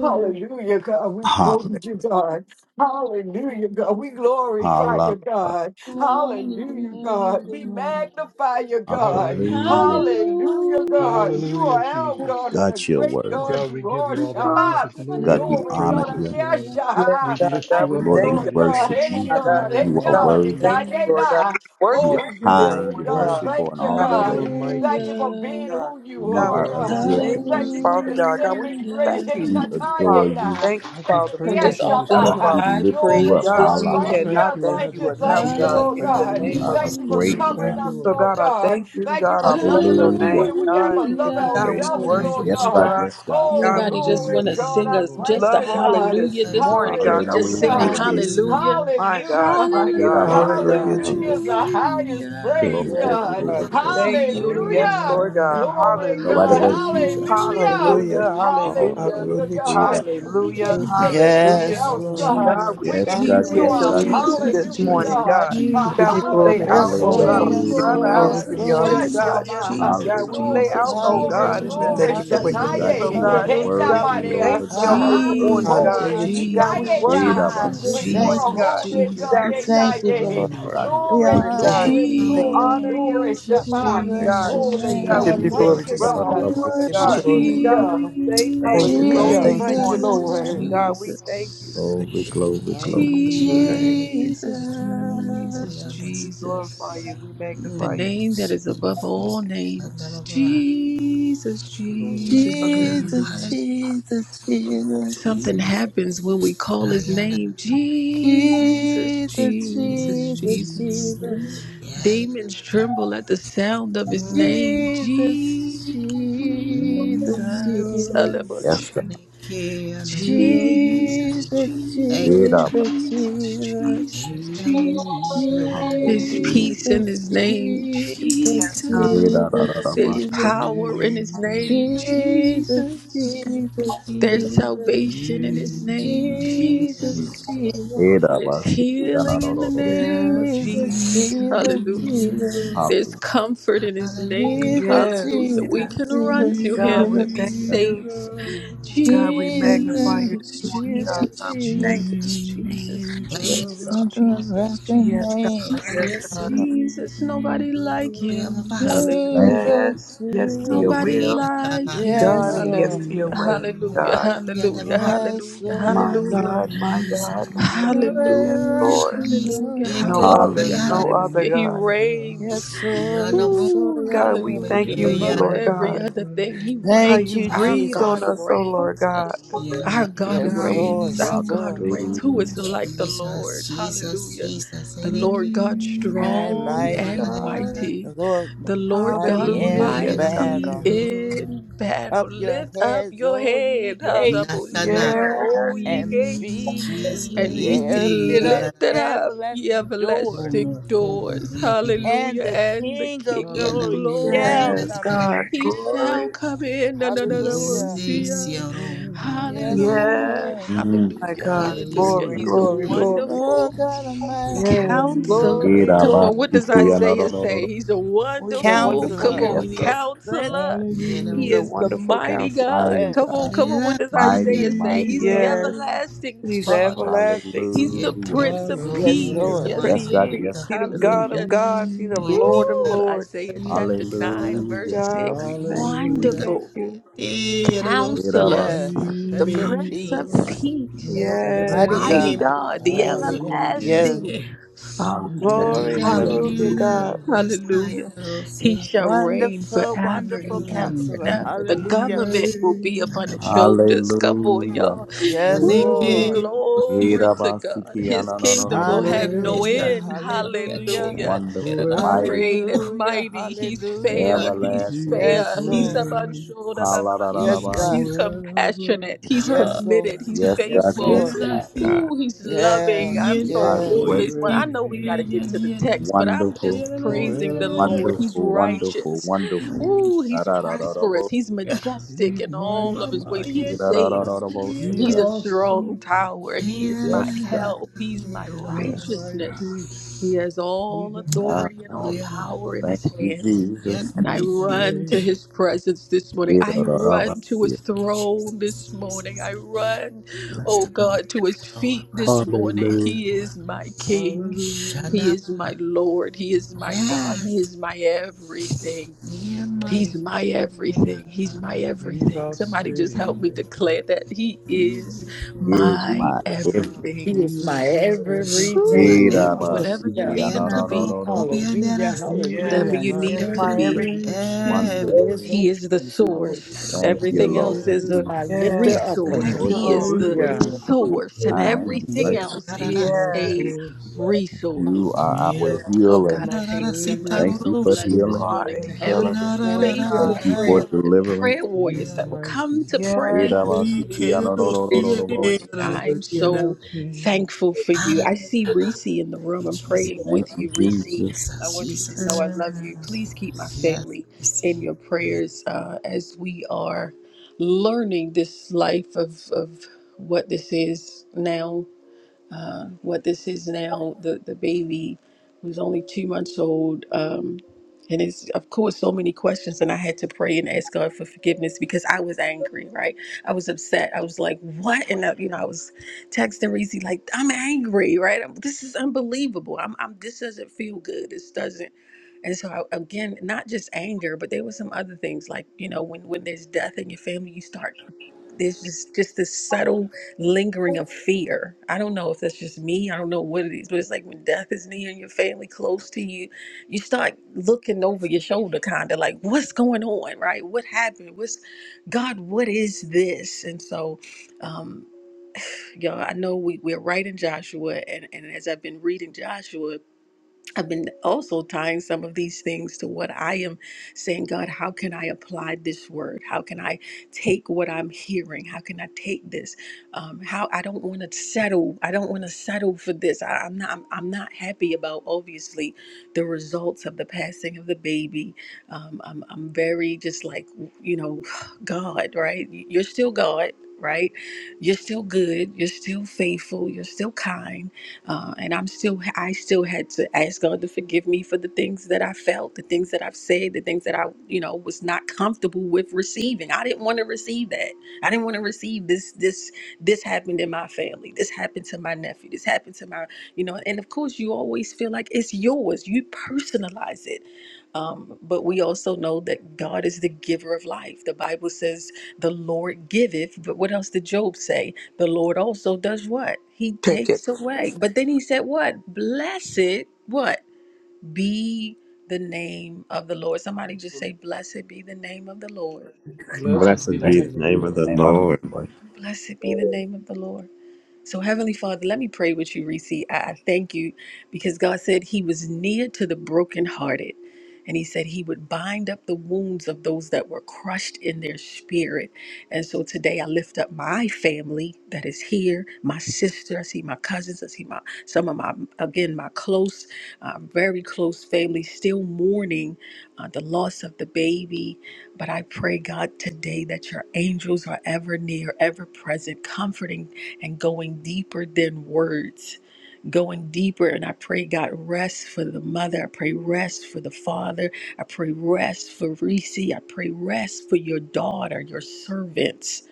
Speaker 4: Hallelujah, God. We
Speaker 6: Hallelujah.
Speaker 4: praise you, God. Hallelujah, God. We glorify
Speaker 6: Hallelujah.
Speaker 4: you, God.
Speaker 5: Good morning. Good
Speaker 4: Hallelujah, God.
Speaker 5: morning. Good
Speaker 4: We
Speaker 5: morning.
Speaker 4: magnify you, God.
Speaker 1: Hallelujah,
Speaker 6: Hallelujah.
Speaker 1: Jesus.
Speaker 4: Hallelujah,
Speaker 5: Hallelujah.
Speaker 4: God. You
Speaker 1: Hallelujah,
Speaker 4: are our
Speaker 1: Jesus.
Speaker 4: God and
Speaker 6: God,
Speaker 4: a
Speaker 6: you're
Speaker 4: great
Speaker 6: worthy.
Speaker 4: God
Speaker 1: God, we
Speaker 4: you
Speaker 1: give
Speaker 4: are.
Speaker 1: you all the honor, the
Speaker 4: Shabbat.
Speaker 1: glory,
Speaker 6: God,
Speaker 1: and the
Speaker 6: we
Speaker 4: Glory,
Speaker 6: honor
Speaker 4: God.
Speaker 1: praise this
Speaker 6: you.
Speaker 1: morning.
Speaker 5: Hallelujah,
Speaker 2: Yes,
Speaker 1: We
Speaker 4: Hallelujah.
Speaker 2: God.
Speaker 1: lift
Speaker 2: God,
Speaker 1: you
Speaker 2: we
Speaker 4: Thank
Speaker 1: up,
Speaker 4: you,
Speaker 6: Lord,
Speaker 2: thank
Speaker 6: we
Speaker 2: you,
Speaker 4: Lord
Speaker 1: Almighty
Speaker 4: God.
Speaker 6: worship
Speaker 1: God,
Speaker 4: Hey,
Speaker 6: you.
Speaker 2: God.
Speaker 1: for
Speaker 2: God,
Speaker 4: God.
Speaker 1: you
Speaker 4: Hey,
Speaker 6: You
Speaker 1: are
Speaker 6: are
Speaker 2: God,
Speaker 1: awesome.
Speaker 2: we
Speaker 5: hallelujah,
Speaker 4: God. Hey,
Speaker 1: You
Speaker 6: worthy.
Speaker 2: thank
Speaker 4: God.
Speaker 1: are
Speaker 2: you,
Speaker 4: Hey,
Speaker 2: Lord. God,
Speaker 5: Jesus.
Speaker 4: God.
Speaker 2: we
Speaker 6: You
Speaker 2: worship
Speaker 6: are
Speaker 4: Oh,
Speaker 2: you
Speaker 1: you
Speaker 2: this
Speaker 1: are
Speaker 6: kind.
Speaker 4: glory,
Speaker 6: You're
Speaker 2: morning,
Speaker 4: God.
Speaker 2: God.
Speaker 1: worthy.
Speaker 6: merciful
Speaker 4: Thank
Speaker 6: in
Speaker 4: you,
Speaker 6: all
Speaker 2: God,
Speaker 6: your
Speaker 2: we thank
Speaker 1: You are
Speaker 4: God.
Speaker 6: ways.
Speaker 1: mighty.
Speaker 4: Thank you for
Speaker 2: you,
Speaker 5: Hallelujah,
Speaker 4: being
Speaker 2: God.
Speaker 4: who you
Speaker 6: You
Speaker 1: You
Speaker 2: God,
Speaker 4: are,
Speaker 2: we
Speaker 6: are
Speaker 1: are
Speaker 6: a
Speaker 2: just
Speaker 4: God.
Speaker 6: good God.
Speaker 2: thank you,
Speaker 1: marvelous,
Speaker 4: Thank you
Speaker 1: God.
Speaker 4: for
Speaker 2: Father
Speaker 4: your
Speaker 2: God. God, we
Speaker 4: saving grace.
Speaker 5: hallelujah.
Speaker 2: thank
Speaker 4: Hey,
Speaker 2: you,
Speaker 6: We adore
Speaker 4: Shataye
Speaker 2: Father. We
Speaker 6: you.
Speaker 4: na.
Speaker 2: thank you,
Speaker 1: God, we
Speaker 4: Hey,
Speaker 2: Father. We
Speaker 5: Well,
Speaker 4: yes,
Speaker 1: praise
Speaker 5: just
Speaker 2: thank
Speaker 1: you
Speaker 2: you,
Speaker 5: offer
Speaker 1: this
Speaker 2: Abba
Speaker 7: Yes.
Speaker 6: God,
Speaker 5: him a
Speaker 1: morning.
Speaker 4: Shama.
Speaker 6: we
Speaker 2: Father.
Speaker 5: high
Speaker 6: lift
Speaker 7: Hallelujah.
Speaker 6: you
Speaker 4: Glory
Speaker 6: up.
Speaker 5: praise
Speaker 2: God,
Speaker 5: this
Speaker 4: God.
Speaker 2: we
Speaker 1: We
Speaker 6: Hallelujah.
Speaker 4: Thank
Speaker 5: morning.
Speaker 4: you.
Speaker 2: cannot
Speaker 1: thank you, O
Speaker 2: thank
Speaker 4: Thank
Speaker 2: you
Speaker 4: you.
Speaker 1: Heavenly Father,
Speaker 2: enough,
Speaker 4: Thank you,
Speaker 1: for
Speaker 2: God,
Speaker 1: our
Speaker 4: Lord
Speaker 2: in
Speaker 7: Jesus,
Speaker 2: the
Speaker 4: God.
Speaker 6: You
Speaker 1: families.
Speaker 2: name
Speaker 6: are
Speaker 2: of
Speaker 6: a
Speaker 4: Thank
Speaker 7: Jesus,
Speaker 4: you for
Speaker 6: great
Speaker 2: Jesus.
Speaker 1: We
Speaker 4: covering
Speaker 1: thank
Speaker 6: God.
Speaker 4: us,
Speaker 7: Jesus.
Speaker 1: you,
Speaker 5: Hallelujah,
Speaker 1: O
Speaker 2: So,
Speaker 7: We
Speaker 4: Lord
Speaker 2: God, I
Speaker 1: God,
Speaker 7: bless your
Speaker 4: God.
Speaker 2: thank
Speaker 7: name,
Speaker 2: you,
Speaker 4: Thank
Speaker 7: God.
Speaker 4: you
Speaker 2: God. I
Speaker 4: for
Speaker 1: for our
Speaker 2: bless
Speaker 4: loving us
Speaker 2: your
Speaker 1: children.
Speaker 4: more
Speaker 2: name,
Speaker 6: Hallelujah.
Speaker 4: than we can
Speaker 2: God.
Speaker 4: ever
Speaker 8: We give
Speaker 4: love
Speaker 8: you
Speaker 2: God, we
Speaker 8: praise. Lord.
Speaker 4: ourselves,
Speaker 5: hallelujah,
Speaker 1: Thank
Speaker 7: Hallelujah,
Speaker 2: worship
Speaker 4: Lord
Speaker 1: you,
Speaker 6: Yes,
Speaker 2: you,
Speaker 6: God.
Speaker 7: Jesus.
Speaker 4: God.
Speaker 2: God.
Speaker 1: Jesus.
Speaker 6: Yes, God.
Speaker 4: Oh,
Speaker 2: God, we
Speaker 5: Anybody
Speaker 7: Glory to
Speaker 5: just
Speaker 2: just
Speaker 4: glory
Speaker 1: Hallelujah
Speaker 7: your
Speaker 5: want to
Speaker 7: name.
Speaker 1: to
Speaker 4: God.
Speaker 5: sing
Speaker 4: I
Speaker 1: you,
Speaker 5: us
Speaker 1: O
Speaker 4: thank
Speaker 1: God.
Speaker 5: just a
Speaker 4: you,
Speaker 2: love on you
Speaker 4: God.
Speaker 2: this
Speaker 7: I
Speaker 5: hallelujah
Speaker 7: love
Speaker 5: this
Speaker 7: your
Speaker 2: morning,
Speaker 5: morning?
Speaker 7: name.
Speaker 5: Can
Speaker 2: God.
Speaker 5: we
Speaker 2: God,
Speaker 5: just
Speaker 2: we
Speaker 5: sing a
Speaker 8: Hallelujah,
Speaker 2: thank
Speaker 4: Hallelujah.
Speaker 6: Hallelujah.
Speaker 2: you.
Speaker 8: Jesus.
Speaker 7: Hallelujah.
Speaker 5: hallelujah?
Speaker 1: Hallelujah.
Speaker 2: My God,
Speaker 5: Hallelujah.
Speaker 2: my
Speaker 4: Hallelujah.
Speaker 2: God, my
Speaker 8: Hallelujah,
Speaker 2: God.
Speaker 8: Jesus.
Speaker 4: Hallelujah
Speaker 9: Uncle,
Speaker 1: Hallelujah.
Speaker 4: is the highest
Speaker 7: Hallelujah.
Speaker 9: fill
Speaker 4: praise,
Speaker 9: with the
Speaker 6: Glory,
Speaker 2: Yes,
Speaker 4: God.
Speaker 9: spirit
Speaker 2: God,
Speaker 8: Thank
Speaker 6: glory,
Speaker 2: we
Speaker 5: Yadababababa,
Speaker 8: you.
Speaker 9: of
Speaker 7: Hallelujah.
Speaker 6: glory.
Speaker 2: thank
Speaker 5: sidi
Speaker 8: God.
Speaker 9: the
Speaker 2: you.
Speaker 9: God.
Speaker 2: Yes,
Speaker 4: Hallelujah.
Speaker 9: We
Speaker 5: yorobosha.
Speaker 2: Lord
Speaker 9: thank
Speaker 2: God.
Speaker 4: Glory,
Speaker 6: Nobody
Speaker 4: God.
Speaker 2: Hallelujah.
Speaker 8: Thank
Speaker 5: Hallelujah.
Speaker 6: but
Speaker 8: you.
Speaker 6: you,
Speaker 7: Jesus,
Speaker 1: Hallelujah.
Speaker 9: you
Speaker 7: Jesus,
Speaker 4: Hallelujah.
Speaker 9: thank you
Speaker 8: Hallelujah.
Speaker 2: Hallelujah.
Speaker 9: for
Speaker 7: Jesus.
Speaker 9: all
Speaker 2: Hallelujah.
Speaker 9: this.
Speaker 4: Hallelujah,
Speaker 8: Hallelujah,
Speaker 9: this-
Speaker 8: Jesus.
Speaker 4: God.
Speaker 6: God.
Speaker 9: this
Speaker 4: We
Speaker 9: God.
Speaker 2: Hallelujah.
Speaker 8: Hallelujah.
Speaker 4: can't
Speaker 5: Jesus,
Speaker 4: say
Speaker 7: Hallelujah.
Speaker 9: We just
Speaker 4: anything
Speaker 2: Hallelujah.
Speaker 10: Yes,
Speaker 7: Hallelujah.
Speaker 4: else,
Speaker 10: Lord.
Speaker 4: God.
Speaker 2: God,
Speaker 1: Hallelujah.
Speaker 2: we
Speaker 4: We
Speaker 5: Jesus,
Speaker 6: Yes,
Speaker 4: can
Speaker 2: thank
Speaker 4: give
Speaker 2: you.
Speaker 6: God.
Speaker 4: you
Speaker 2: We're at
Speaker 6: Yes,
Speaker 5: Jesus,
Speaker 4: a
Speaker 2: your
Speaker 6: God.
Speaker 8: Hallelujah,
Speaker 2: feet
Speaker 6: Yes,
Speaker 8: Jesus.
Speaker 6: God.
Speaker 5: Jesus,
Speaker 2: this
Speaker 4: hallelujah,
Speaker 9: thank you.
Speaker 2: morning,
Speaker 5: Jesus,
Speaker 4: God.
Speaker 2: God.
Speaker 7: Jesus,
Speaker 8: We
Speaker 4: A
Speaker 7: Jesus, Jesus,
Speaker 8: give
Speaker 2: God,
Speaker 8: you
Speaker 5: Jesus.
Speaker 2: we
Speaker 9: Oh,
Speaker 2: lay
Speaker 8: glory
Speaker 7: Jesus.
Speaker 8: this
Speaker 2: out,
Speaker 4: hallelujah
Speaker 10: Yes,
Speaker 2: oh
Speaker 8: morning,
Speaker 9: we
Speaker 10: Lord.
Speaker 2: God,
Speaker 8: Father.
Speaker 2: we
Speaker 4: praise,
Speaker 8: We
Speaker 6: Hallelujah.
Speaker 10: Yes,
Speaker 8: give you
Speaker 4: Lord
Speaker 2: struggle
Speaker 10: Lord.
Speaker 2: out
Speaker 8: glory. We
Speaker 10: Yes,
Speaker 4: God.
Speaker 8: give
Speaker 9: Thank you.
Speaker 1: Hallelujah.
Speaker 8: you
Speaker 5: Jesus,
Speaker 10: Lord.
Speaker 2: before
Speaker 8: honor
Speaker 2: you,
Speaker 10: Yes,
Speaker 8: this
Speaker 2: God.
Speaker 10: Lord.
Speaker 5: Jesus,
Speaker 9: Oh, thank
Speaker 10: Yes,
Speaker 4: Yashama.
Speaker 10: Lord.
Speaker 5: Jesus,
Speaker 2: God,
Speaker 6: Hallelujah.
Speaker 2: we
Speaker 9: you.
Speaker 2: lay
Speaker 4: Glory,
Speaker 5: Jesus,
Speaker 2: out, oh
Speaker 4: glory,
Speaker 5: Jesus,
Speaker 2: God,
Speaker 10: Hallelujah.
Speaker 2: in the
Speaker 8: morning.
Speaker 4: glory.
Speaker 8: Thank you
Speaker 2: name
Speaker 8: for
Speaker 2: of
Speaker 9: Lord,
Speaker 8: waking me
Speaker 2: Jesus,
Speaker 8: up
Speaker 6: God,
Speaker 10: Hallelujah.
Speaker 5: Jesus.
Speaker 9: for
Speaker 2: oh
Speaker 9: the
Speaker 8: this
Speaker 4: Shataye.
Speaker 6: you
Speaker 2: God.
Speaker 8: morning.
Speaker 6: are
Speaker 8: Thank
Speaker 2: God,
Speaker 10: Hallelujah.
Speaker 6: worthy,
Speaker 2: we
Speaker 1: Hallelujah.
Speaker 2: thank
Speaker 6: Lord.
Speaker 2: you
Speaker 6: You
Speaker 2: on
Speaker 4: Etamareasa.
Speaker 6: are
Speaker 2: this morning,
Speaker 6: worthy.
Speaker 8: you.
Speaker 10: Hallelujah.
Speaker 2: God.
Speaker 5: Jesus,
Speaker 4: Holy.
Speaker 8: Hallelujah, Jesus.
Speaker 2: God,
Speaker 7: Hallelujah.
Speaker 2: we
Speaker 5: Jesus,
Speaker 4: Shitaye
Speaker 10: Hallelujah.
Speaker 6: Lead
Speaker 2: worship
Speaker 6: of us.
Speaker 4: naha.
Speaker 2: you
Speaker 5: Jesus,
Speaker 10: We
Speaker 2: this
Speaker 7: Mercy
Speaker 4: But you
Speaker 2: morning,
Speaker 4: are
Speaker 10: thank you,
Speaker 5: Jesus,
Speaker 2: God.
Speaker 4: holy,
Speaker 10: Jesus.
Speaker 4: God.
Speaker 2: God,
Speaker 10: We
Speaker 2: we give
Speaker 10: thank
Speaker 7: and
Speaker 5: Jesus.
Speaker 10: you,
Speaker 2: you
Speaker 4: Etaye.
Speaker 6: Yes,
Speaker 10: Lord.
Speaker 1: Hallelujah,
Speaker 7: love.
Speaker 2: praise
Speaker 9: God.
Speaker 6: God.
Speaker 2: this
Speaker 6: Yes.
Speaker 10: We
Speaker 4: Glory,
Speaker 2: morning,
Speaker 1: Jesus.
Speaker 8: Thank
Speaker 7: Yana
Speaker 10: honor
Speaker 2: God.
Speaker 8: you.
Speaker 4: glory,
Speaker 10: you,
Speaker 2: We
Speaker 8: Thank you.
Speaker 4: glory,
Speaker 10: Lord.
Speaker 2: honor
Speaker 4: glory,
Speaker 2: you
Speaker 7: Mabukoyani.
Speaker 5: Jesus,
Speaker 2: this
Speaker 10: We
Speaker 4: Shabbat.
Speaker 2: morning,
Speaker 9: Thank you,
Speaker 10: bless
Speaker 2: God.
Speaker 10: your
Speaker 5: Jesus,
Speaker 4: Holy
Speaker 8: We
Speaker 2: God,
Speaker 9: our
Speaker 2: we
Speaker 8: give
Speaker 9: Thank God.
Speaker 4: God,
Speaker 8: you
Speaker 10: name.
Speaker 6: Lead
Speaker 2: lift
Speaker 6: of
Speaker 5: Jesus.
Speaker 8: glory.
Speaker 4: thank you,
Speaker 2: you
Speaker 7: Jesus,
Speaker 8: Just
Speaker 2: up,
Speaker 10: We
Speaker 9: Yes,
Speaker 1: Hallelujah.
Speaker 2: oh
Speaker 4: God.
Speaker 6: us.
Speaker 7: Jesus,
Speaker 2: Father
Speaker 8: give you
Speaker 10: worship
Speaker 2: God.
Speaker 7: Jesus,
Speaker 8: glory.
Speaker 10: you,
Speaker 2: God, we
Speaker 4: Hallelujah.
Speaker 2: say
Speaker 9: Thank
Speaker 2: thank
Speaker 8: Thank you,
Speaker 5: Jesus,
Speaker 2: you
Speaker 9: you.
Speaker 8: God.
Speaker 2: on
Speaker 4: Hallelujah.
Speaker 2: this
Speaker 10: Jesus.
Speaker 7: Jesus.
Speaker 8: Thank you.
Speaker 4: Thank you,
Speaker 2: morning.
Speaker 5: Jesus,
Speaker 4: Lord.
Speaker 2: God, we thank you.
Speaker 5: Jesus.
Speaker 8: Thank
Speaker 6: Glory,
Speaker 7: Shake
Speaker 6: glory,
Speaker 7: him
Speaker 6: glory.
Speaker 7: out of
Speaker 1: Hallelujah.
Speaker 9: Thank
Speaker 7: Marele
Speaker 9: you.
Speaker 10: Jesus.
Speaker 5: Jesus,
Speaker 7: Kikiru
Speaker 5: Jesus,
Speaker 7: Mabukoyani.
Speaker 2: We glorify you.
Speaker 5: Jesus.
Speaker 2: We
Speaker 5: The
Speaker 2: magnify
Speaker 7: Mmm,
Speaker 2: you.
Speaker 5: name that is
Speaker 7: sweet
Speaker 5: above all
Speaker 7: Jesus.
Speaker 5: names.
Speaker 7: Sandababra.
Speaker 5: Jesus,
Speaker 1: Lord, we
Speaker 7: Yes,
Speaker 5: Jesus,
Speaker 2: Okay.
Speaker 1: love
Speaker 7: God.
Speaker 1: you.
Speaker 10: Jesus,
Speaker 5: Jesus.
Speaker 7: Hallelujah.
Speaker 10: Jesus, Jesus.
Speaker 5: Something
Speaker 7: Jesus.
Speaker 5: happens when we call his
Speaker 7: Sayana.
Speaker 5: name Jesus,
Speaker 10: Jesus,
Speaker 5: Jesus,
Speaker 7: Jesus,
Speaker 10: Jesus,
Speaker 7: Jesus.
Speaker 5: Jesus.
Speaker 1: Jesus,
Speaker 10: Jesus.
Speaker 7: Yeah,
Speaker 5: Demons
Speaker 7: Yanabaka.
Speaker 5: tremble at the sound of his
Speaker 7: Mmm.
Speaker 5: name
Speaker 10: Jesus,
Speaker 5: Jesus.
Speaker 10: Jesus,
Speaker 1: Jesus,
Speaker 10: Jesus.
Speaker 6: Yes, God.
Speaker 5: Alabashi.
Speaker 7: Yaneke
Speaker 1: we
Speaker 7: Yanamu.
Speaker 1: love you.
Speaker 5: Jesus,
Speaker 10: Jesus,
Speaker 7: Thank
Speaker 5: Jesus,
Speaker 6: Lead
Speaker 7: you.
Speaker 6: of
Speaker 10: Jesus,
Speaker 5: Jesus,
Speaker 10: Jesus.
Speaker 7: Shea
Speaker 5: Jesus, Jesus.
Speaker 6: us.
Speaker 1: Jesus,
Speaker 5: There's
Speaker 6: Hallelujah.
Speaker 5: peace in
Speaker 10: Jesus,
Speaker 5: his name,
Speaker 10: Jesus,
Speaker 6: Lead
Speaker 5: Jesus.
Speaker 6: of
Speaker 10: Jesus,
Speaker 6: us.
Speaker 5: There's
Speaker 10: Jesus.
Speaker 5: power in his name,
Speaker 1: Jesus,
Speaker 10: Jesus,
Speaker 5: Jesus.
Speaker 10: Jesus,
Speaker 7: Mabukoyani.
Speaker 5: There's
Speaker 10: Jesus.
Speaker 5: salvation in his name,
Speaker 7: Hallelujah,
Speaker 1: Jesus,
Speaker 10: Jesus,
Speaker 5: Jesus.
Speaker 10: Jesus,
Speaker 6: Lead of
Speaker 5: There's
Speaker 6: us.
Speaker 5: healing in the name of
Speaker 1: Jesus,
Speaker 2: Yes.
Speaker 10: Jesus,
Speaker 5: Jesus.
Speaker 10: Jesus,
Speaker 5: Hallelujah.
Speaker 7: Jesus,
Speaker 10: Jesus,
Speaker 1: Jesus,
Speaker 7: Jesus.
Speaker 5: There's
Speaker 6: Hallelujah.
Speaker 5: comfort in his name.
Speaker 7: Hallelujah.
Speaker 10: Jesus, Jesus,
Speaker 2: Yes.
Speaker 5: Hallelujah.
Speaker 10: Jesus,
Speaker 5: We can
Speaker 2: Yes.
Speaker 1: Jesus,
Speaker 5: run to
Speaker 2: God,
Speaker 5: him
Speaker 2: we
Speaker 5: and be
Speaker 2: thank
Speaker 10: Jesus,
Speaker 6: Yes,
Speaker 2: you.
Speaker 5: safe.
Speaker 1: Jesus.
Speaker 2: God, we magnify you this
Speaker 5: Jesus,
Speaker 2: morning, God.
Speaker 10: Jesus, Jesus,
Speaker 2: God,
Speaker 5: Jesus,
Speaker 2: we
Speaker 10: Jesus.
Speaker 2: thank you.
Speaker 5: Jesus,
Speaker 7: Bless your name.
Speaker 5: Jesus,
Speaker 7: Bless your
Speaker 6: yes,
Speaker 10: There's
Speaker 7: name.
Speaker 5: Jesus,
Speaker 6: God.
Speaker 10: something
Speaker 5: Jesus,
Speaker 10: about the
Speaker 2: Yes,
Speaker 5: Jesus.
Speaker 10: name.
Speaker 2: God. Yes,
Speaker 10: Yes,
Speaker 7: Hallelujah.
Speaker 2: God.
Speaker 10: Lord.
Speaker 5: Jesus, nobody like
Speaker 7: Gloria
Speaker 5: him.
Speaker 6: Mm.
Speaker 7: Babasi.
Speaker 5: Hallelujah.
Speaker 6: Thank you.
Speaker 10: Jesus,
Speaker 2: Yes. Yes to
Speaker 10: Jesus.
Speaker 2: your
Speaker 5: Nobody
Speaker 7: Gloria
Speaker 2: will,
Speaker 5: like
Speaker 7: Tarasi.
Speaker 5: him.
Speaker 2: God,
Speaker 10: Yes,
Speaker 2: and yes
Speaker 10: Lord.
Speaker 2: to
Speaker 5: Hallelujah.
Speaker 2: your ways,
Speaker 5: Hallelujah.
Speaker 7: Gloria
Speaker 1: Jesus,
Speaker 2: God.
Speaker 7: Siana
Speaker 5: Hallelujah.
Speaker 7: Baba.
Speaker 10: Yes,
Speaker 5: Hallelujah.
Speaker 10: Lord.
Speaker 2: My
Speaker 10: Yes,
Speaker 5: Hallelujah.
Speaker 10: Lord.
Speaker 2: God, my God,
Speaker 7: Jesus.
Speaker 2: my God.
Speaker 1: Jesus,
Speaker 10: Nobody
Speaker 2: Yes,
Speaker 5: Hallelujah.
Speaker 10: like
Speaker 2: Lord.
Speaker 10: you,
Speaker 7: Jesus.
Speaker 5: Hallelujah.
Speaker 10: Lord.
Speaker 2: No
Speaker 7: Ete
Speaker 2: other,
Speaker 5: Hallelujah.
Speaker 6: Hallelujah.
Speaker 2: no
Speaker 7: Kayarasa.
Speaker 2: other
Speaker 5: Hallelujah. He
Speaker 2: God.
Speaker 1: Jesus,
Speaker 10: Yes,
Speaker 5: reigns.
Speaker 10: Lord.
Speaker 7: Nana Bro.
Speaker 10: Yes, Lord.
Speaker 5: Ooh,
Speaker 10: Yes,
Speaker 2: God, we
Speaker 10: Lord.
Speaker 5: hallelujah.
Speaker 2: thank you,
Speaker 6: Thank you.
Speaker 7: Makaya
Speaker 5: Above
Speaker 2: Lord
Speaker 5: every
Speaker 2: God.
Speaker 7: Daroka.
Speaker 5: other
Speaker 1: Jesus,
Speaker 5: thing. He
Speaker 2: How
Speaker 10: Thank
Speaker 2: you
Speaker 5: reigns.
Speaker 10: you,
Speaker 5: Our
Speaker 7: Jesus.
Speaker 2: breathe on
Speaker 5: God
Speaker 10: Jesus.
Speaker 2: us, oh Lord
Speaker 5: reigns.
Speaker 2: God.
Speaker 7: Adiriana
Speaker 5: Our God
Speaker 10: Yes,
Speaker 2: God, we
Speaker 10: Lord.
Speaker 5: reigns.
Speaker 10: Yes,
Speaker 7: Kambrianesi.
Speaker 5: Our God
Speaker 10: Lord.
Speaker 2: Thank
Speaker 5: reigns.
Speaker 1: Jesus,
Speaker 5: Who
Speaker 2: you,
Speaker 5: is
Speaker 6: Hallelujah.
Speaker 5: like the
Speaker 7: Jesus.
Speaker 5: Lord?
Speaker 7: Jesus.
Speaker 5: Hallelujah.
Speaker 7: Jesus.
Speaker 5: The Lord
Speaker 7: Ereki.
Speaker 5: God
Speaker 10: And
Speaker 5: strong
Speaker 10: mighty.
Speaker 5: and
Speaker 1: Jesus,
Speaker 2: God.
Speaker 7: Malayana
Speaker 5: mighty.
Speaker 10: The Lord m-
Speaker 5: The Lord God
Speaker 10: mighty
Speaker 2: Hallelujah.
Speaker 10: in
Speaker 2: Yes, God.
Speaker 5: mighty
Speaker 10: battle.
Speaker 1: Jesus,
Speaker 5: in
Speaker 7: Nasana
Speaker 5: battle.
Speaker 10: Up your
Speaker 5: Lift up
Speaker 10: heads,
Speaker 5: your
Speaker 10: O ye
Speaker 5: head.
Speaker 10: gates,
Speaker 5: Hallelujah.
Speaker 2: Yes,
Speaker 5: Oh,
Speaker 7: Karusi
Speaker 5: ye
Speaker 10: and be
Speaker 5: gates
Speaker 7: Jesus
Speaker 10: ye
Speaker 5: and be
Speaker 1: Jesus.
Speaker 5: ye
Speaker 7: Eti
Speaker 10: lifted up
Speaker 5: lifted
Speaker 7: Yarasi
Speaker 5: up, ye
Speaker 10: everlasting doors,
Speaker 5: everlasting
Speaker 7: Kumu Kumu
Speaker 5: doors.
Speaker 7: Redire
Speaker 10: and
Speaker 5: Hallelujah.
Speaker 10: the
Speaker 5: And the
Speaker 10: King of
Speaker 5: King
Speaker 7: Yana
Speaker 5: of
Speaker 10: glory
Speaker 1: Hallelujah
Speaker 10: shall
Speaker 7: Makaya
Speaker 5: glory,
Speaker 2: yes,
Speaker 10: come in.
Speaker 2: God.
Speaker 7: Katarasi
Speaker 5: he shall
Speaker 2: Glory.
Speaker 5: come in. No, no,
Speaker 1: to
Speaker 5: no, no, we'll
Speaker 10: Hallelujah.
Speaker 5: see ya.
Speaker 7: Jesus Yaro
Speaker 1: Jesus.
Speaker 7: Moriande
Speaker 10: Yes,
Speaker 5: Hallelujah.
Speaker 10: Lord.
Speaker 2: Yes,
Speaker 6: Mm.
Speaker 2: my
Speaker 5: Hallelujah.
Speaker 2: God.
Speaker 7: Jesus
Speaker 5: Hallelujah.
Speaker 2: Glory,
Speaker 6: Thank
Speaker 5: He's a
Speaker 1: Hallelujah
Speaker 2: glory,
Speaker 6: you.
Speaker 7: Jesus
Speaker 2: glory.
Speaker 10: Lord
Speaker 5: wonderful
Speaker 7: Jesus
Speaker 10: God
Speaker 1: to
Speaker 10: Almighty.
Speaker 2: Yes,
Speaker 1: Jesus.
Speaker 5: counselor.
Speaker 6: Yeah,
Speaker 2: glory,
Speaker 5: Come
Speaker 2: glory,
Speaker 6: Rabba,
Speaker 5: on, what
Speaker 7: Anakaya
Speaker 5: does
Speaker 2: glory.
Speaker 6: Sikia, no, no,
Speaker 5: Isaiah
Speaker 6: no, no,
Speaker 5: say?
Speaker 6: no.
Speaker 5: He's a
Speaker 2: Oh, he's a
Speaker 5: wonderful,
Speaker 2: wonderful
Speaker 5: come
Speaker 10: Counselor,
Speaker 5: on,
Speaker 6: Yes, God.
Speaker 7: Nini
Speaker 2: counselor.
Speaker 10: Prince,
Speaker 5: counselor.
Speaker 7: Yana
Speaker 2: He's
Speaker 5: He
Speaker 2: a
Speaker 1: Hallelujah
Speaker 5: is the
Speaker 2: wonderful
Speaker 5: mighty
Speaker 2: counselor.
Speaker 5: God.
Speaker 6: mighty
Speaker 10: yes,
Speaker 5: Come on,
Speaker 6: God,
Speaker 5: come on,
Speaker 7: Yana
Speaker 5: what does
Speaker 1: to
Speaker 6: mighty,
Speaker 7: Kaya
Speaker 5: Isaiah
Speaker 7: Jesus
Speaker 5: say?
Speaker 6: mighty
Speaker 5: He's the
Speaker 2: Yes,
Speaker 6: God.
Speaker 1: Jesus.
Speaker 5: everlasting
Speaker 2: he's
Speaker 5: Father.
Speaker 2: everlasting.
Speaker 5: He's the
Speaker 6: Hallelujah.
Speaker 7: Yeti
Speaker 5: Prince
Speaker 10: peace.
Speaker 5: of
Speaker 10: Yes,
Speaker 7: Kumu
Speaker 5: Peace.
Speaker 2: He's
Speaker 1: Hallelujah
Speaker 2: the
Speaker 10: Lord.
Speaker 5: Yes,
Speaker 6: Yes,
Speaker 2: Prince of
Speaker 6: God,
Speaker 7: Mayani
Speaker 5: he
Speaker 2: Peace.
Speaker 5: is.
Speaker 6: yes, God.
Speaker 2: He's the
Speaker 1: to
Speaker 2: God of
Speaker 5: Hallelujah.
Speaker 2: gods. He's the
Speaker 7: Yandi
Speaker 2: Lord of
Speaker 5: Ooh,
Speaker 1: Jesus.
Speaker 7: kara
Speaker 2: lords.
Speaker 5: Isaiah
Speaker 7: sari yara ni
Speaker 5: chapter
Speaker 7: kari yara
Speaker 5: 9, verse
Speaker 7: rosi.
Speaker 6: Hallelujah.
Speaker 2: God,
Speaker 5: 6.
Speaker 2: we thank you. We
Speaker 7: Na
Speaker 1: Hallelujah
Speaker 2: thank
Speaker 5: Wonderful
Speaker 7: kari ya
Speaker 2: you.
Speaker 7: te yara rosi
Speaker 1: to
Speaker 5: counselor
Speaker 7: ya
Speaker 10: Yes,
Speaker 7: si
Speaker 6: Irabasi.
Speaker 7: yene
Speaker 5: the
Speaker 7: me.
Speaker 10: Prince of
Speaker 5: Prince of
Speaker 1: Jesus.
Speaker 10: Peace.
Speaker 7: No
Speaker 5: Peace,
Speaker 10: The
Speaker 7: ko
Speaker 6: Yes,
Speaker 10: mighty
Speaker 2: Yes.
Speaker 7: yene
Speaker 5: mighty
Speaker 7: me
Speaker 10: God,
Speaker 7: me
Speaker 5: God,
Speaker 7: ko
Speaker 5: the
Speaker 7: yene
Speaker 10: everlasting.
Speaker 7: ne ne
Speaker 10: Yes.
Speaker 1: Hallelujah
Speaker 5: everlasting
Speaker 7: se.
Speaker 6: God.
Speaker 1: to
Speaker 5: Father.
Speaker 2: Glory,
Speaker 7: Yeke ne
Speaker 6: Hallelujah.
Speaker 7: ne
Speaker 2: hallelujah,
Speaker 7: ne
Speaker 5: Hallelujah.
Speaker 7: na
Speaker 2: God.
Speaker 1: Jesus.
Speaker 7: ya sa
Speaker 5: Hallelujah.
Speaker 7: yara rosi.
Speaker 5: He shall reign
Speaker 10: Wonderful,
Speaker 5: forever
Speaker 10: wonderful
Speaker 5: and ever
Speaker 7: Hmm.
Speaker 5: and
Speaker 10: counselor.
Speaker 6: Mm.
Speaker 5: ever. The
Speaker 9: God.
Speaker 1: He
Speaker 10: Hallelujah.
Speaker 5: government will be upon
Speaker 7: Yara
Speaker 5: his
Speaker 1: reigns
Speaker 7: rosi.
Speaker 5: shoulders. Come on,
Speaker 6: Hallelujah.
Speaker 5: y'all.
Speaker 7: Shane
Speaker 10: Yes,
Speaker 7: ke
Speaker 5: Woo,
Speaker 10: Lord.
Speaker 1: forever.
Speaker 7: rosi
Speaker 5: glory to
Speaker 7: yene.
Speaker 6: Irabasi
Speaker 5: God.
Speaker 9: Thank
Speaker 5: His
Speaker 9: you.
Speaker 5: kingdom
Speaker 1: He
Speaker 5: will
Speaker 7: Na
Speaker 6: kianananorobo.
Speaker 7: ne
Speaker 5: have
Speaker 7: ne ne
Speaker 5: no
Speaker 7: sa
Speaker 10: Hallelujah.
Speaker 7: na
Speaker 5: end.
Speaker 7: na na na
Speaker 1: reigns
Speaker 7: ya ke
Speaker 10: Hallelujah.
Speaker 7: na
Speaker 9: Thank
Speaker 5: Hallelujah
Speaker 7: na
Speaker 6: Wonderful,
Speaker 7: yara rosi
Speaker 6: mighty,
Speaker 7: yara
Speaker 5: great
Speaker 1: forever.
Speaker 5: and
Speaker 7: rosi.
Speaker 10: Hallelujah.
Speaker 5: mighty. He's
Speaker 10: Hallelujah.
Speaker 5: fair.
Speaker 7: Yene me
Speaker 5: He's
Speaker 7: ko.
Speaker 6: everlasting.
Speaker 1: Jesus
Speaker 10: Yes,
Speaker 5: fair. He's
Speaker 10: Lord.
Speaker 5: about
Speaker 1: reigns
Speaker 5: shoulder.
Speaker 10: Yes,
Speaker 6: Hallelujah,
Speaker 7: Jesus.
Speaker 5: He's
Speaker 10: God.
Speaker 1: forever.
Speaker 5: compassionate. He's
Speaker 7: Ah,
Speaker 10: Yes,
Speaker 5: committed.
Speaker 10: Lord.
Speaker 7: yes,
Speaker 5: He's
Speaker 7: God.
Speaker 6: Yes, God,
Speaker 10: Yes,
Speaker 5: faithful.
Speaker 6: yes,
Speaker 10: Lord.
Speaker 6: God.
Speaker 7: Yananasi.
Speaker 9: God.
Speaker 5: Ooh, he's
Speaker 9: Thank you,
Speaker 5: loving.
Speaker 9: God.
Speaker 10: Yes,
Speaker 5: I'm
Speaker 6: You
Speaker 5: so
Speaker 6: are
Speaker 5: full
Speaker 1: He
Speaker 10: yes.
Speaker 6: great,
Speaker 7: Yeneboye
Speaker 5: this morning. I know we
Speaker 7: teke
Speaker 5: got to get
Speaker 1: reigns
Speaker 5: to the
Speaker 7: yanene.
Speaker 5: text, but
Speaker 9: Thank
Speaker 5: I'm
Speaker 6: wonderful,
Speaker 5: just
Speaker 7: Sayana
Speaker 5: praising the
Speaker 7: yanana
Speaker 1: forever.
Speaker 5: Lord. He's
Speaker 7: yanosi.
Speaker 6: wonderful, wonderful,
Speaker 5: righteous.
Speaker 6: wonderful.
Speaker 9: thank
Speaker 7: Mm,
Speaker 5: Ooh, he's
Speaker 7: shike.
Speaker 5: prosperous. He's
Speaker 7: Yeah,
Speaker 5: majestic
Speaker 1: He's
Speaker 5: in all of his
Speaker 1: mighty.
Speaker 7: Mama
Speaker 5: ways. He's
Speaker 7: yeni
Speaker 5: safe.
Speaker 9: you.
Speaker 1: He's
Speaker 5: He's
Speaker 6: Da-da-da-da-da-bo-si-da-da-da-da-da-bo-si-ya.
Speaker 7: muriete.
Speaker 5: a strong
Speaker 1: awesome.
Speaker 5: tower. He is my
Speaker 6: Yes,
Speaker 7: Sayana
Speaker 6: God.
Speaker 5: help. He's my
Speaker 7: yano.
Speaker 1: He's
Speaker 9: Yes, God.
Speaker 5: righteousness.
Speaker 1: mighty.
Speaker 5: He has
Speaker 1: He's
Speaker 5: all
Speaker 6: Ah,
Speaker 5: authority
Speaker 1: awesome.
Speaker 5: and all
Speaker 7: Hallelujah.
Speaker 5: power in
Speaker 6: thank
Speaker 5: his
Speaker 6: you,
Speaker 5: hands.
Speaker 6: Jesus.
Speaker 5: And I
Speaker 1: He's
Speaker 7: Yanvichi.
Speaker 5: run to
Speaker 1: great.
Speaker 5: his presence this morning. I run to his
Speaker 6: Da-da-da-da-bo-si-ya.
Speaker 5: throne this
Speaker 7: Jesus.
Speaker 5: morning. I run,
Speaker 7: Bless
Speaker 5: oh
Speaker 9: Hallelujah.
Speaker 7: the Lord.
Speaker 5: God, to
Speaker 7: Bless
Speaker 5: his
Speaker 7: the Lord.
Speaker 5: feet
Speaker 7: Bless
Speaker 5: this
Speaker 7: the Lord.
Speaker 5: morning.
Speaker 7: Bless the
Speaker 6: Hallelujah.
Speaker 5: He is
Speaker 7: Lord.
Speaker 5: my king.
Speaker 1: Hallelujah.
Speaker 5: He is
Speaker 7: Shanama.
Speaker 5: my Lord. He is my God. He
Speaker 7: Yes.
Speaker 5: is my everything.
Speaker 7: Yeah,
Speaker 5: He's
Speaker 7: mighty,
Speaker 5: my
Speaker 7: mighty, mighty God.
Speaker 5: everything. He's my
Speaker 1: He's
Speaker 5: everything.
Speaker 1: our
Speaker 5: Somebody
Speaker 3: Thank
Speaker 5: just
Speaker 3: you,
Speaker 5: help me
Speaker 1: Savior.
Speaker 5: declare that he
Speaker 3: Jesus.
Speaker 5: is
Speaker 3: Jesus,
Speaker 6: Is
Speaker 5: my
Speaker 6: my every.
Speaker 4: He
Speaker 5: everything.
Speaker 4: is
Speaker 1: He is
Speaker 4: my
Speaker 1: my
Speaker 7: My
Speaker 1: everything.
Speaker 4: everything.
Speaker 5: Whew,
Speaker 7: everything.
Speaker 5: whatever you
Speaker 4: Hallelujah.
Speaker 6: Da-da-ba-si-ya.
Speaker 5: need
Speaker 7: Yeah,
Speaker 6: No,
Speaker 5: him
Speaker 7: nah,
Speaker 5: to
Speaker 6: no, no,
Speaker 7: bro.
Speaker 5: be,
Speaker 6: no, no,
Speaker 7: Cool,
Speaker 6: no.
Speaker 7: yeah, nah, nah,
Speaker 4: Hallelujah.
Speaker 7: see.
Speaker 1: He
Speaker 5: whatever
Speaker 1: is
Speaker 5: you
Speaker 2: Yes,
Speaker 4: Hallelujah.
Speaker 1: my
Speaker 5: need
Speaker 2: yes,
Speaker 5: him to
Speaker 2: my
Speaker 7: Everything.
Speaker 5: be.
Speaker 4: He's
Speaker 2: everything.
Speaker 1: everything.
Speaker 4: Peace
Speaker 6: Wonder.
Speaker 4: where there is
Speaker 7: Everything.
Speaker 5: He
Speaker 4: no
Speaker 5: is the
Speaker 4: peace.
Speaker 3: Jesus,
Speaker 5: source.
Speaker 4: Hallelujah.
Speaker 6: Thank you,
Speaker 3: Jesus.
Speaker 5: Everything
Speaker 1: He
Speaker 5: else
Speaker 6: Lord.
Speaker 3: Thank
Speaker 5: is
Speaker 3: you,
Speaker 4: He's
Speaker 5: a
Speaker 1: is
Speaker 3: Jesus.
Speaker 4: my
Speaker 2: Yes,
Speaker 4: lifter
Speaker 7: Yes, God.
Speaker 5: resource.
Speaker 1: my
Speaker 4: upper.
Speaker 2: thank you,
Speaker 6: Lord,
Speaker 5: He
Speaker 6: you are
Speaker 5: is
Speaker 2: Lord.
Speaker 5: the
Speaker 6: great.
Speaker 1: Savior.
Speaker 4: Hallelujah.
Speaker 6: You are
Speaker 5: source,
Speaker 3: Thank
Speaker 5: and
Speaker 3: you,
Speaker 6: kind. You are
Speaker 7: Yeah,
Speaker 5: everything
Speaker 3: Lord.
Speaker 6: merciful.
Speaker 5: else
Speaker 7: da, da, da,
Speaker 1: He's
Speaker 7: da.
Speaker 5: is
Speaker 1: my
Speaker 2: Yes,
Speaker 3: Thank
Speaker 5: a
Speaker 3: you, you
Speaker 1: source
Speaker 3: are
Speaker 5: resource.
Speaker 3: good.
Speaker 6: You are
Speaker 2: yes.
Speaker 6: our
Speaker 7: Yeah, nah, bro. Cool,
Speaker 5: Oh
Speaker 6: healer.
Speaker 1: and
Speaker 7: yeah,
Speaker 5: God, I
Speaker 1: my
Speaker 7: nah, nah, nah,
Speaker 5: thank you.
Speaker 7: see,
Speaker 5: I'm
Speaker 7: da,
Speaker 5: I'm
Speaker 1: Savior.
Speaker 7: do, do,
Speaker 6: Thank you
Speaker 5: so
Speaker 7: do,
Speaker 6: for
Speaker 3: You
Speaker 7: see.
Speaker 3: are
Speaker 5: blessed
Speaker 3: good.
Speaker 2: You
Speaker 3: You are
Speaker 5: this
Speaker 3: my
Speaker 6: healing.
Speaker 2: are
Speaker 5: morning
Speaker 3: friend,
Speaker 5: to
Speaker 2: a
Speaker 3: and
Speaker 5: have
Speaker 7: Ah,
Speaker 3: then
Speaker 2: healer
Speaker 7: nah,
Speaker 2: this
Speaker 7: da,
Speaker 3: you are
Speaker 7: da,
Speaker 2: morning,
Speaker 7: da, da,
Speaker 5: faithful
Speaker 6: Thank
Speaker 7: da,
Speaker 3: good.
Speaker 2: God.
Speaker 6: you
Speaker 7: da,
Speaker 3: You are
Speaker 6: for
Speaker 7: yeah,
Speaker 5: friends
Speaker 3: my
Speaker 7: da,
Speaker 5: and
Speaker 7: yeah,
Speaker 3: friend, and then
Speaker 6: delivering.
Speaker 5: prayer
Speaker 3: you
Speaker 7: da,
Speaker 3: are my
Speaker 1: He's
Speaker 5: warriors
Speaker 7: yeah,
Speaker 5: that will
Speaker 7: da.
Speaker 5: come
Speaker 1: mighty.
Speaker 5: to pray
Speaker 2: Yes.
Speaker 5: with
Speaker 7: Me
Speaker 3: You are so
Speaker 6: Da-da-ba-si-ya.
Speaker 5: me
Speaker 6: No,
Speaker 7: can't
Speaker 3: good.
Speaker 6: no,
Speaker 7: do,
Speaker 6: no, no, no,
Speaker 7: see, yeah,
Speaker 5: this
Speaker 6: no,
Speaker 7: da,
Speaker 6: no.
Speaker 7: yeah,
Speaker 3: You
Speaker 5: morning.
Speaker 3: are
Speaker 7: da, da,
Speaker 1: He's
Speaker 3: good.
Speaker 1: the
Speaker 5: I'm
Speaker 7: see, yeah,
Speaker 1: King
Speaker 7: da.
Speaker 5: so
Speaker 1: of
Speaker 3: You
Speaker 1: kings.
Speaker 3: are
Speaker 5: thankful for you.
Speaker 7: Hallelujah.
Speaker 5: I see Reese in the room. I'm
Speaker 7: Jesus,
Speaker 5: praying with
Speaker 6: Thank you,
Speaker 5: you, Reese.
Speaker 6: Jesus.
Speaker 7: Jesus,
Speaker 5: I want you to
Speaker 7: Jesus,
Speaker 5: know
Speaker 7: Jesus.
Speaker 5: I love you.
Speaker 2: Mm.
Speaker 5: Please keep my
Speaker 7: Yes,
Speaker 5: family
Speaker 7: mercy.
Speaker 5: in your prayers uh, as we are learning this life of of what this is now uh, what this is now. The the baby was only two months old, um, and it's of course so many questions. And I had to pray and ask God for forgiveness because I was angry, right? I was upset. I was like, "What?" And I, you know, I was texting Reese like, "I'm angry, right? I'm, this is unbelievable. I'm, I'm this doesn't feel good. This doesn't." And so I, again, not just anger, but there were some other things like you know when when there's death in your family, you start there's just just this subtle lingering of fear. I don't know if that's just me. I don't know what it is, but it's like when death is near and your family close to you, you start looking over your shoulder, kind of like, what's going on, right? What happened? What's God? What is this? And so, um, (sighs) you know, I know we, we're right in Joshua, and, and as I've been reading Joshua, I've been also tying some of these things to what I am saying, God, how can I apply this word? How can I take what I'm hearing? How can I take this? Um, how I don't want to settle. I don't want to settle for this. I, I'm not. I'm, I'm not happy about obviously the results of the passing of the baby. Um, I'm, I'm very just like you know, (sighs) God, right? You're still God, right? You're still good. You're still faithful. You're still kind uh, and I'm still I still had to ask God to forgive me for the things that I felt, the things that I've said, the things that I you know was not comfortable with receiving. I didn't want to receive that. I didn't want to receive this this this happened in my family. This happened to my nephew. This happened to my you know. And of course, you always feel like it's yours. You personalize it. Um, but we also know that God is the giver of life. The Bible says, "The Lord giveth." But what else did Job say? The Lord also does what? He
Speaker 2: Take it.
Speaker 5: takes away. But then he said, What? Blessed, what? Be the name of the Lord. Somebody just say, Blessed be the name of the Lord.
Speaker 1: Blessed be
Speaker 9: Blessed
Speaker 1: the
Speaker 6: Let's
Speaker 9: be
Speaker 1: name
Speaker 9: the
Speaker 1: of the
Speaker 6: do
Speaker 9: name
Speaker 6: the
Speaker 9: of
Speaker 1: Lord.
Speaker 9: the
Speaker 11: Hallelujah.
Speaker 6: same other
Speaker 9: Lord.
Speaker 6: question.
Speaker 5: Blessed be the
Speaker 3: good.
Speaker 5: name of the Lord. So, Heavenly Father, let me pray with you, Reese. I I thank you because God said He was near to the brokenhearted. And He said He would bind up the wounds of those that were crushed in their spirit. And so today I lift up my family that is here, my sister. I see my cousins. I see my some of my, again, my close, uh, very close family still mourning uh, the loss of the baby. But I pray, God, today that your angels are ever near, ever present, comforting and going deeper than words, going deeper. And I pray, God, rest for the mother. I pray rest for the father. I pray rest for Reese. I pray rest for your daughter, your servants.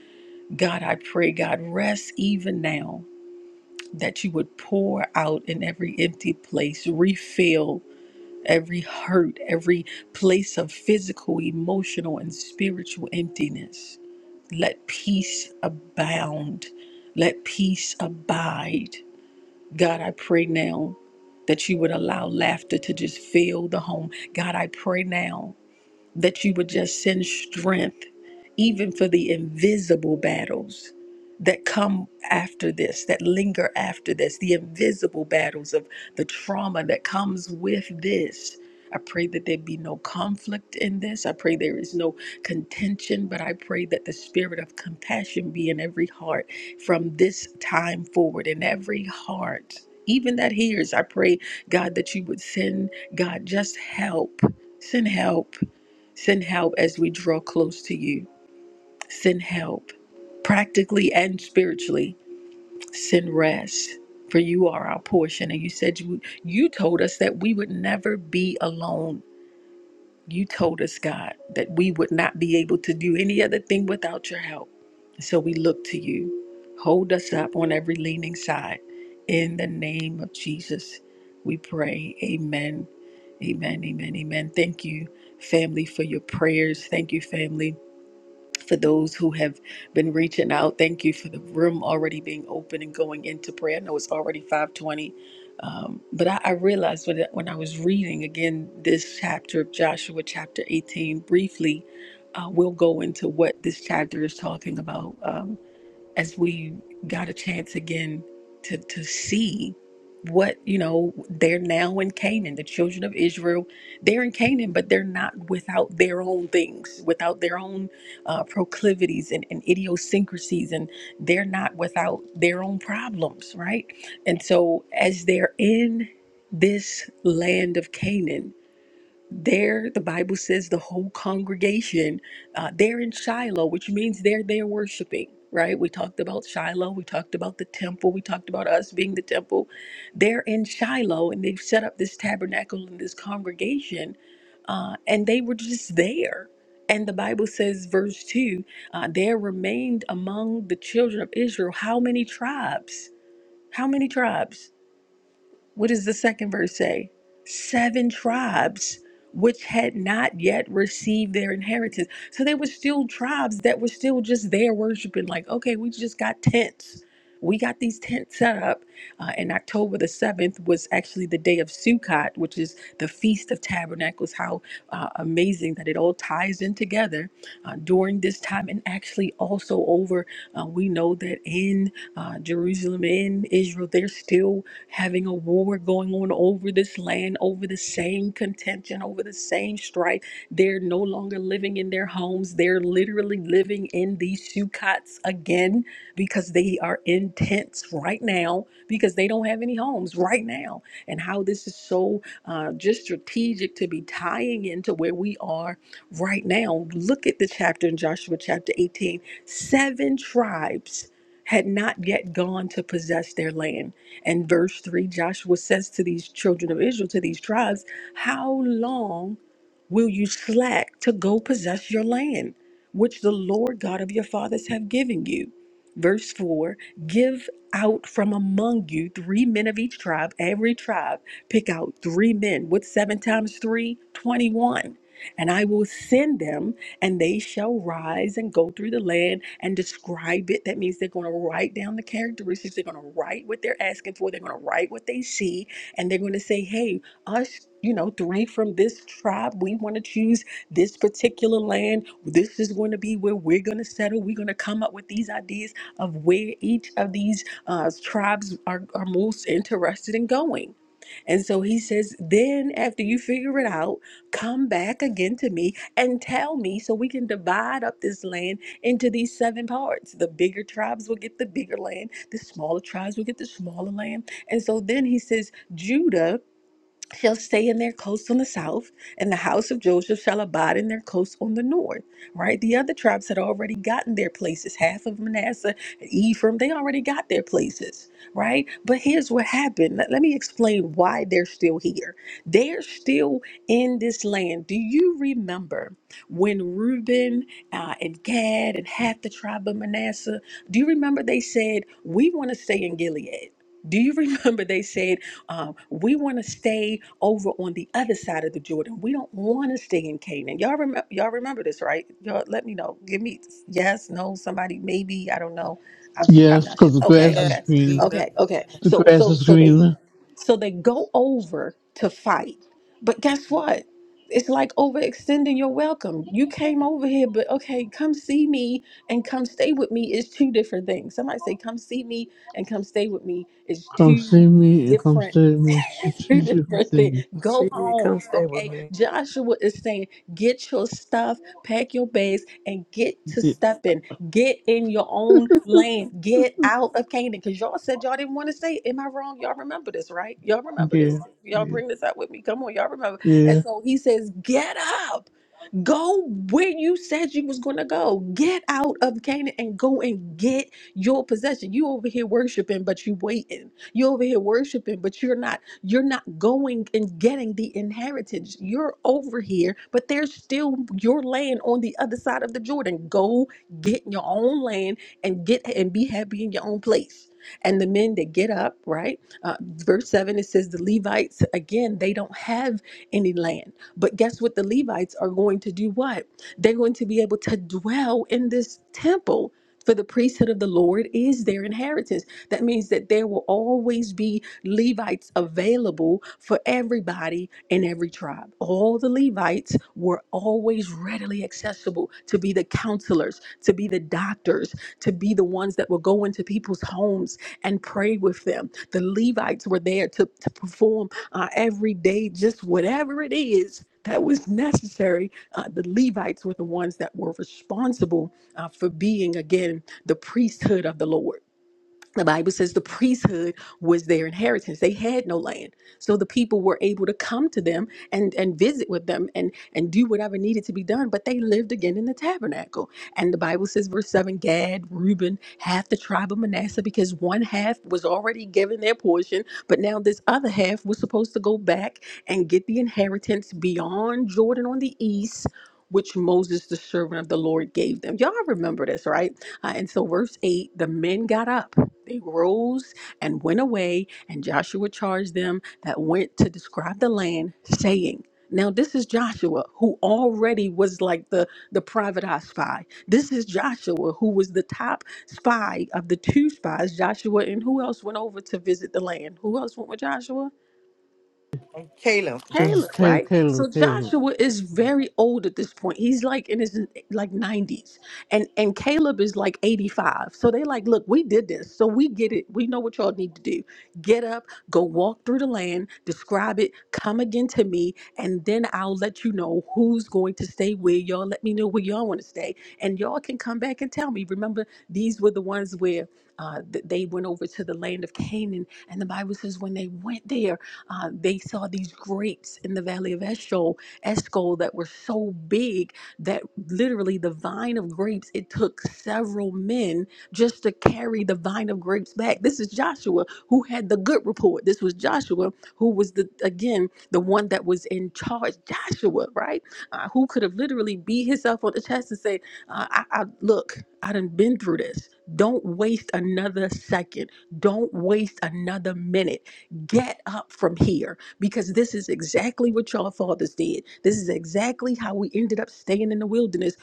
Speaker 5: God, I pray, God, rest even now that you would pour out in every empty place, refill. Every hurt, every place of physical, emotional, and spiritual emptiness. Let peace abound. Let peace abide. God, I pray now that you would allow laughter to just fill the home. God, I pray now that you would just send strength, even for the invisible battles that come after this, that linger after this, the invisible battles of the trauma that comes with this. I pray that there be no conflict in this. I pray there is no contention, but I pray that the spirit of compassion be in every heart from this time forward, in every heart, even that hears. I pray, God, that you would send, God, just help. Send help Send help as we draw close to you. Send help, practically and spiritually. Send rest, for you are our portion. And you said you, you told us that we would never be alone. You told us, God, that we would not be able to do any other thing without your help. So we look to you. Hold us up on every leaning side. In the name of Jesus, we pray. Amen. Amen. Amen. Amen. Thank you, family, for your prayers. Thank you, family for those who have been reaching out. Thank you for the room already being open and going into prayer. I know it's already 520. Um, but I, I realized when, when I was reading again this chapter of Joshua, chapter 18, briefly, uh, we'll go into what this chapter is talking about. Um, as we got a chance again to to see what you know they're now in Canaan the children of Israel they're in Canaan but they're not without their own things without their own uh, proclivities and, and idiosyncrasies and they're not without their own problems right and so as they're in this land of Canaan there, the Bible says the whole congregation, uh, they're in Shiloh, which means they're there worshiping, right? We talked about Shiloh, we talked about the temple, we talked about us being the temple. They're in Shiloh and they've set up this tabernacle and this congregation, uh, and they were just there. And the Bible says, verse 2 uh, there remained among the children of Israel how many tribes? How many tribes? What does the second verse say? Seven tribes which had not yet received their inheritance. So they were still tribes that were still just there worshiping, like, okay, we just got tents. We got these tents set up. Uh, and October the 7th was actually the day of Sukkot, which is the Feast of Tabernacles. How uh, amazing that it all ties in together uh, during this time. And actually, also over, uh, we know that in uh, Jerusalem, in Israel, they're still having a war going on over this land, over the same contention, over the same strife. They're no longer living in their homes. They're literally living in these sukkots again because they are in tents right now because they don't have any homes right now. And how this is so uh, just strategic to be tying into where we are right now. Look at the chapter in Joshua chapter 18. Seven tribes had not yet gone to possess their land and verse 3, Joshua says to these children of Israel, to these tribes, How long will you slack to go possess your land, which the Lord God of your fathers have given you? Verse 4 Give out from among you three men of each tribe, every tribe, pick out three men with seven times three, 21. And I will send them and they shall rise and go through the land and describe it. That means they're going to write down the characteristics. They're going to write what they're asking for. They're going to write what they see. And they're going to say, hey, us, you know, three from this tribe, we want to choose this particular land. This is going to be where we're going to settle. We're going to come up with these ideas of where each of these uh, tribes are, are most interested in going. And so he says, then after you figure it out, come back again to me and tell me so we can divide up this land into these seven parts. The bigger tribes will get the bigger land, the smaller tribes will get the smaller land. And so then he says, Judah shall stay in their coasts on the south, and the house of Joseph shall abide in their coasts on the north. Right? The other tribes had already gotten their places. Half of Manasseh, Ephraim, they already got their places. Right? But here's what happened. Let, let me explain why they're still here. They're still in this land. Do you remember when Reuben uh, and Gad and half the tribe of Manasseh, do you remember they said, We want to stay in Gilead? Do you (laughs) remember they said, um, we want to stay over on the other side of the Jordan. We don't want to stay in Canaan. Y'all remember? Y'all remember this, right? Y'all, let me know. Give me yes, no, somebody, maybe. I don't know. I'm sh- I'm
Speaker 12: Yes,
Speaker 5: not
Speaker 12: because
Speaker 5: sure.
Speaker 12: the
Speaker 5: Okay,
Speaker 12: grass is
Speaker 5: okay,
Speaker 7: Yes,
Speaker 12: green.
Speaker 5: okay,
Speaker 7: remember,
Speaker 5: okay.
Speaker 12: The
Speaker 7: yes.
Speaker 5: So
Speaker 12: grass
Speaker 5: so
Speaker 12: is
Speaker 5: so they
Speaker 12: green.
Speaker 5: so they go over to fight, but guess what? It's like overextending your welcome. You came over here, but okay, come see me and come stay with me is two different things. Somebody say, "Come see me and come stay with me" is
Speaker 12: Come see
Speaker 5: two
Speaker 12: me and come
Speaker 5: different
Speaker 12: stay with me. Sh-
Speaker 5: three
Speaker 12: sh- sh-
Speaker 5: different things.
Speaker 12: thing.
Speaker 5: Go
Speaker 2: See,
Speaker 5: home,
Speaker 2: come stay with
Speaker 5: okay?
Speaker 2: me.
Speaker 5: Joshua is saying, get your stuff, pack your bags, and get to
Speaker 12: Yeah,
Speaker 5: stepping. Get in your own lane. Get out of Canaan. Because y'all said y'all didn't want to say, it. am I wrong? Y'all remember this, right? Y'all remember
Speaker 12: yeah,
Speaker 5: this. Y'all
Speaker 12: yeah.
Speaker 5: bring this up with me. Come on, y'all remember. And
Speaker 12: yeah.
Speaker 5: so he says, get up. Go where you said you was gonna go. Get out of Canaan and go and get your possession. You over here worshiping, but you waiting. You over here worshiping, but you're not. You're not going and getting the inheritance. You're over here, but there's still your land on the other side of the Jordan. Go get your own land and get and be happy in your own place. And the men that get up, right? Uh, verse 7, it says the Levites, again, they don't have any land but guess what? The Levites are going to do what? They're going to be able to dwell in this temple. For the priesthood of the Lord is their inheritance. That means that there will always be Levites available for everybody in every tribe. All the Levites were always readily accessible to be the counselors, to be the doctors, to be the ones that will go into people's homes and pray with them. The Levites were there to, to perform uh, every day, just whatever it is that was necessary. Uh, the Levites were the ones that were responsible uh, for being, again, the priesthood of the Lord the Bible says the priesthood was their inheritance. They had no land. So the people were able to come to them and, and visit with them and, and do whatever needed to be done. But they lived again in the tabernacle. And the Bible says, verse 7 Gad, Reuben, half the tribe of Manasseh, because one half was already given their portion. But now this other half was supposed to go back and get the inheritance beyond Jordan on the east. Which Moses, the servant of the Lord, gave them. Y'all remember this, right? Uh, and so, verse 8 the men got up they rose and went away, and Joshua charged them that went to describe the land, saying, now this is Joshua who already was like the the private eye spy. This is Joshua who was the top spy of the two spies, Joshua and who else went over to visit the land? Who else went with Joshua? Caleb,
Speaker 12: Just Caleb,
Speaker 5: right?
Speaker 12: Caleb,
Speaker 5: So
Speaker 12: Caleb.
Speaker 5: Joshua is very old at this point. He's like in his like 90s. And and Caleb is like 85. So they like, look, we did this. So we get it. We know what y'all need to do. Get up, go walk through the land, describe it, come again to me, and then I'll let you know who's going to stay where y'all let me know where y'all want to stay. And y'all can come back and tell me. Remember, these were the ones where uh, th- they went over to the land of Canaan, and the Bible says when they went there uh, they saw these grapes in the valley of Eshcol, Eshcol that were so big that literally the vine of grapes, it took several men just to carry the vine of grapes back. This is Joshua who had the good report. This was Joshua who was the again the one that was in charge. Joshua, right? Uh, who could have literally beat himself on the chest and say, uh, I, "I look, I done been through this. Don't waste another second. Don't waste another minute get up from here because this is exactly what your fathers did. This is exactly how we ended up staying in the wilderness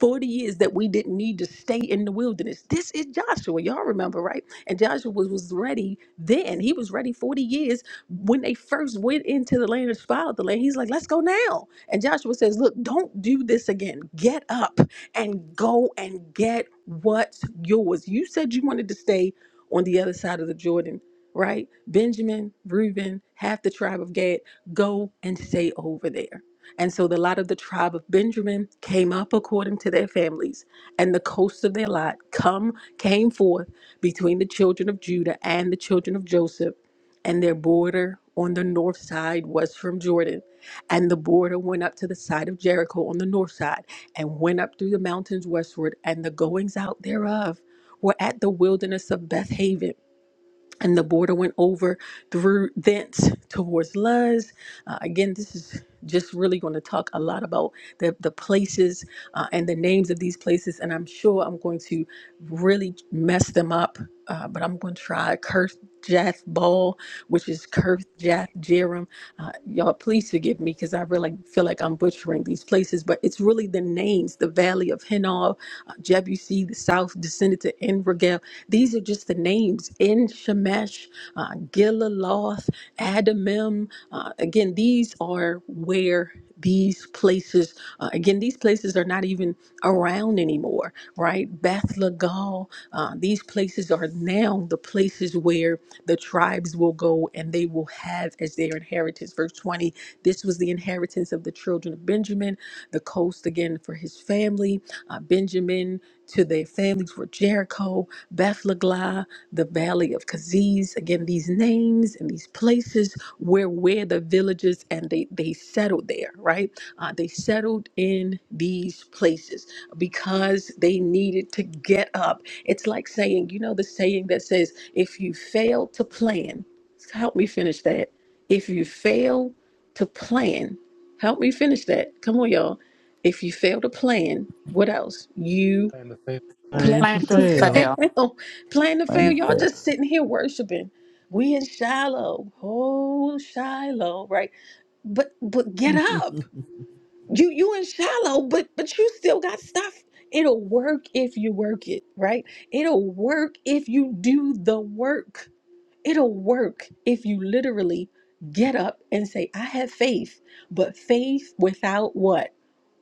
Speaker 5: 40 years that we didn't need to stay in the wilderness. This is Joshua, y'all remember, right? And Joshua was, was ready then. He was ready 40 years when they first went into the land and spied the land. He's like, let's go now. And Joshua says, look, don't do this again. Get up and go and get what's yours. You said you wanted to stay on the other side of the Jordan right? Benjamin, Reuben, half the tribe of Gad, go and stay over there. And so the lot of the tribe of Benjamin came up according to their families, and the coast of their lot come came forth between the children of Judah and the children of Joseph, and their border on the north side was from Jordan, and the border went up to the side of Jericho on the north side, and went up through the mountains westward, and the goings out thereof were at the wilderness of Bethaven and the border went over through thence towards Luz. Uh, again, this is just really going to talk a lot about the, the places uh, and the names of these places, and I'm sure I'm going to really mess them up, uh, but I'm going to try Kirth Jath Ball, which is Kirth Jath Jerim. Uh, y'all, please forgive me because I really feel like I'm butchering these places, but it's really the names the Valley of Hinnom, uh, Jebusi, the South descended to En these are just the names in Shemesh, uh, Gilaloth, Adamim. Uh, again, these are where these places, uh, again, these places are not even around anymore, right? Beth Lagal, uh, these places are now the places where the tribes will go and they will have as their inheritance. Verse 20, this was the inheritance of the children of Benjamin, the coast again for his family. Uh, Benjamin to their families were Jericho, Bethlehem, the valley of Kaziz. Again, these names and these places were where the villages and they, they settled there, right? Uh, they settled in these places because they needed to get up. It's like saying, you know, the saying that says, if you fail to plan, help me finish that. If you fail to plan, help me finish that. Come on, y'all. If you fail to plan, what else? You
Speaker 1: And the faith
Speaker 5: Plan
Speaker 12: And to
Speaker 13: Plan to
Speaker 5: to
Speaker 6: Yeah,
Speaker 12: fail.
Speaker 13: fail.
Speaker 5: fail. (laughs) Plan to
Speaker 6: plain
Speaker 5: fail.
Speaker 6: and
Speaker 5: Y'all
Speaker 6: fair.
Speaker 5: just sitting here worshiping. We in Shiloh. Oh, Shiloh, right? But but
Speaker 12: (laughs)
Speaker 5: get up.
Speaker 12: the
Speaker 5: You you in Shiloh, but but you still got stuff. It'll work if you work it, right? It'll work if you do the work. It'll work if you literally get up and say, I have faith, but faith without what?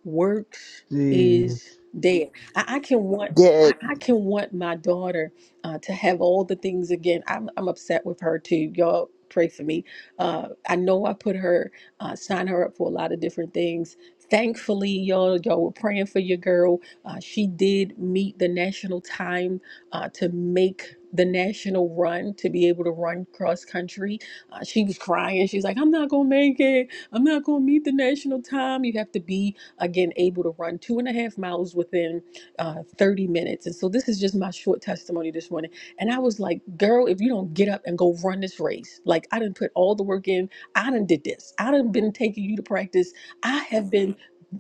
Speaker 5: works is dead. I, I can want I,
Speaker 10: dead.
Speaker 5: I can want my daughter uh, to have all the things again. I'm I'm upset with her too. Y'all pray for me. Uh, I know I put her uh, sign her up for a lot of different things. Thankfully, y'all y'all were praying for your girl. Uh, she did meet the national time uh, to make the national run to be able to run cross country. Uh, she was crying. She's like, "I'm not gonna make it. I'm not gonna meet the national time. You have to be." again, able to run two and a half miles within uh, 30 minutes. And so this is just my short testimony this morning. And I was like, girl, if you don't get up and go run this race, like I didn't put all the work in, I done did this. I done been taking you to practice. I have been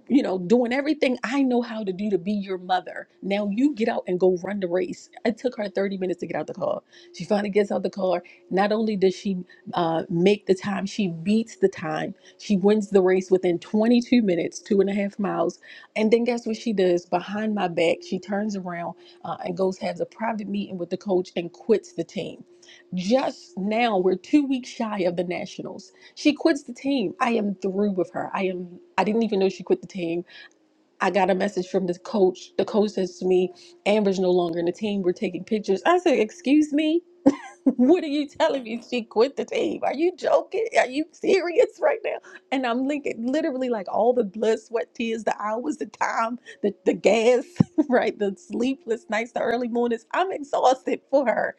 Speaker 5: you know, doing everything I know how to do to be your mother. Now you get out and go run the race. It took her 30 minutes to get out the car. She finally gets out the car. Not only does she uh, make the time, she beats the time. She wins the race within 22 minutes, two and a half miles. And then guess what she does? Behind my back, she turns around uh, and goes, has a private meeting with the coach and quits the team. Just now, we're two weeks shy of the Nationals. She quits the team. I am through with her. I am. I didn't even know she quit the team. I got a message from the coach. The coach says to me, Amber's no longer in the team. We're taking pictures. I said, Excuse me? What are you telling me? She quit the team. Are you joking? Are you serious right now? And I'm linking literally like all the blood, sweat, tears, the hours, the time, the, the gas, (laughs) right? The sleepless nights, the early mornings. I'm exhausted for her.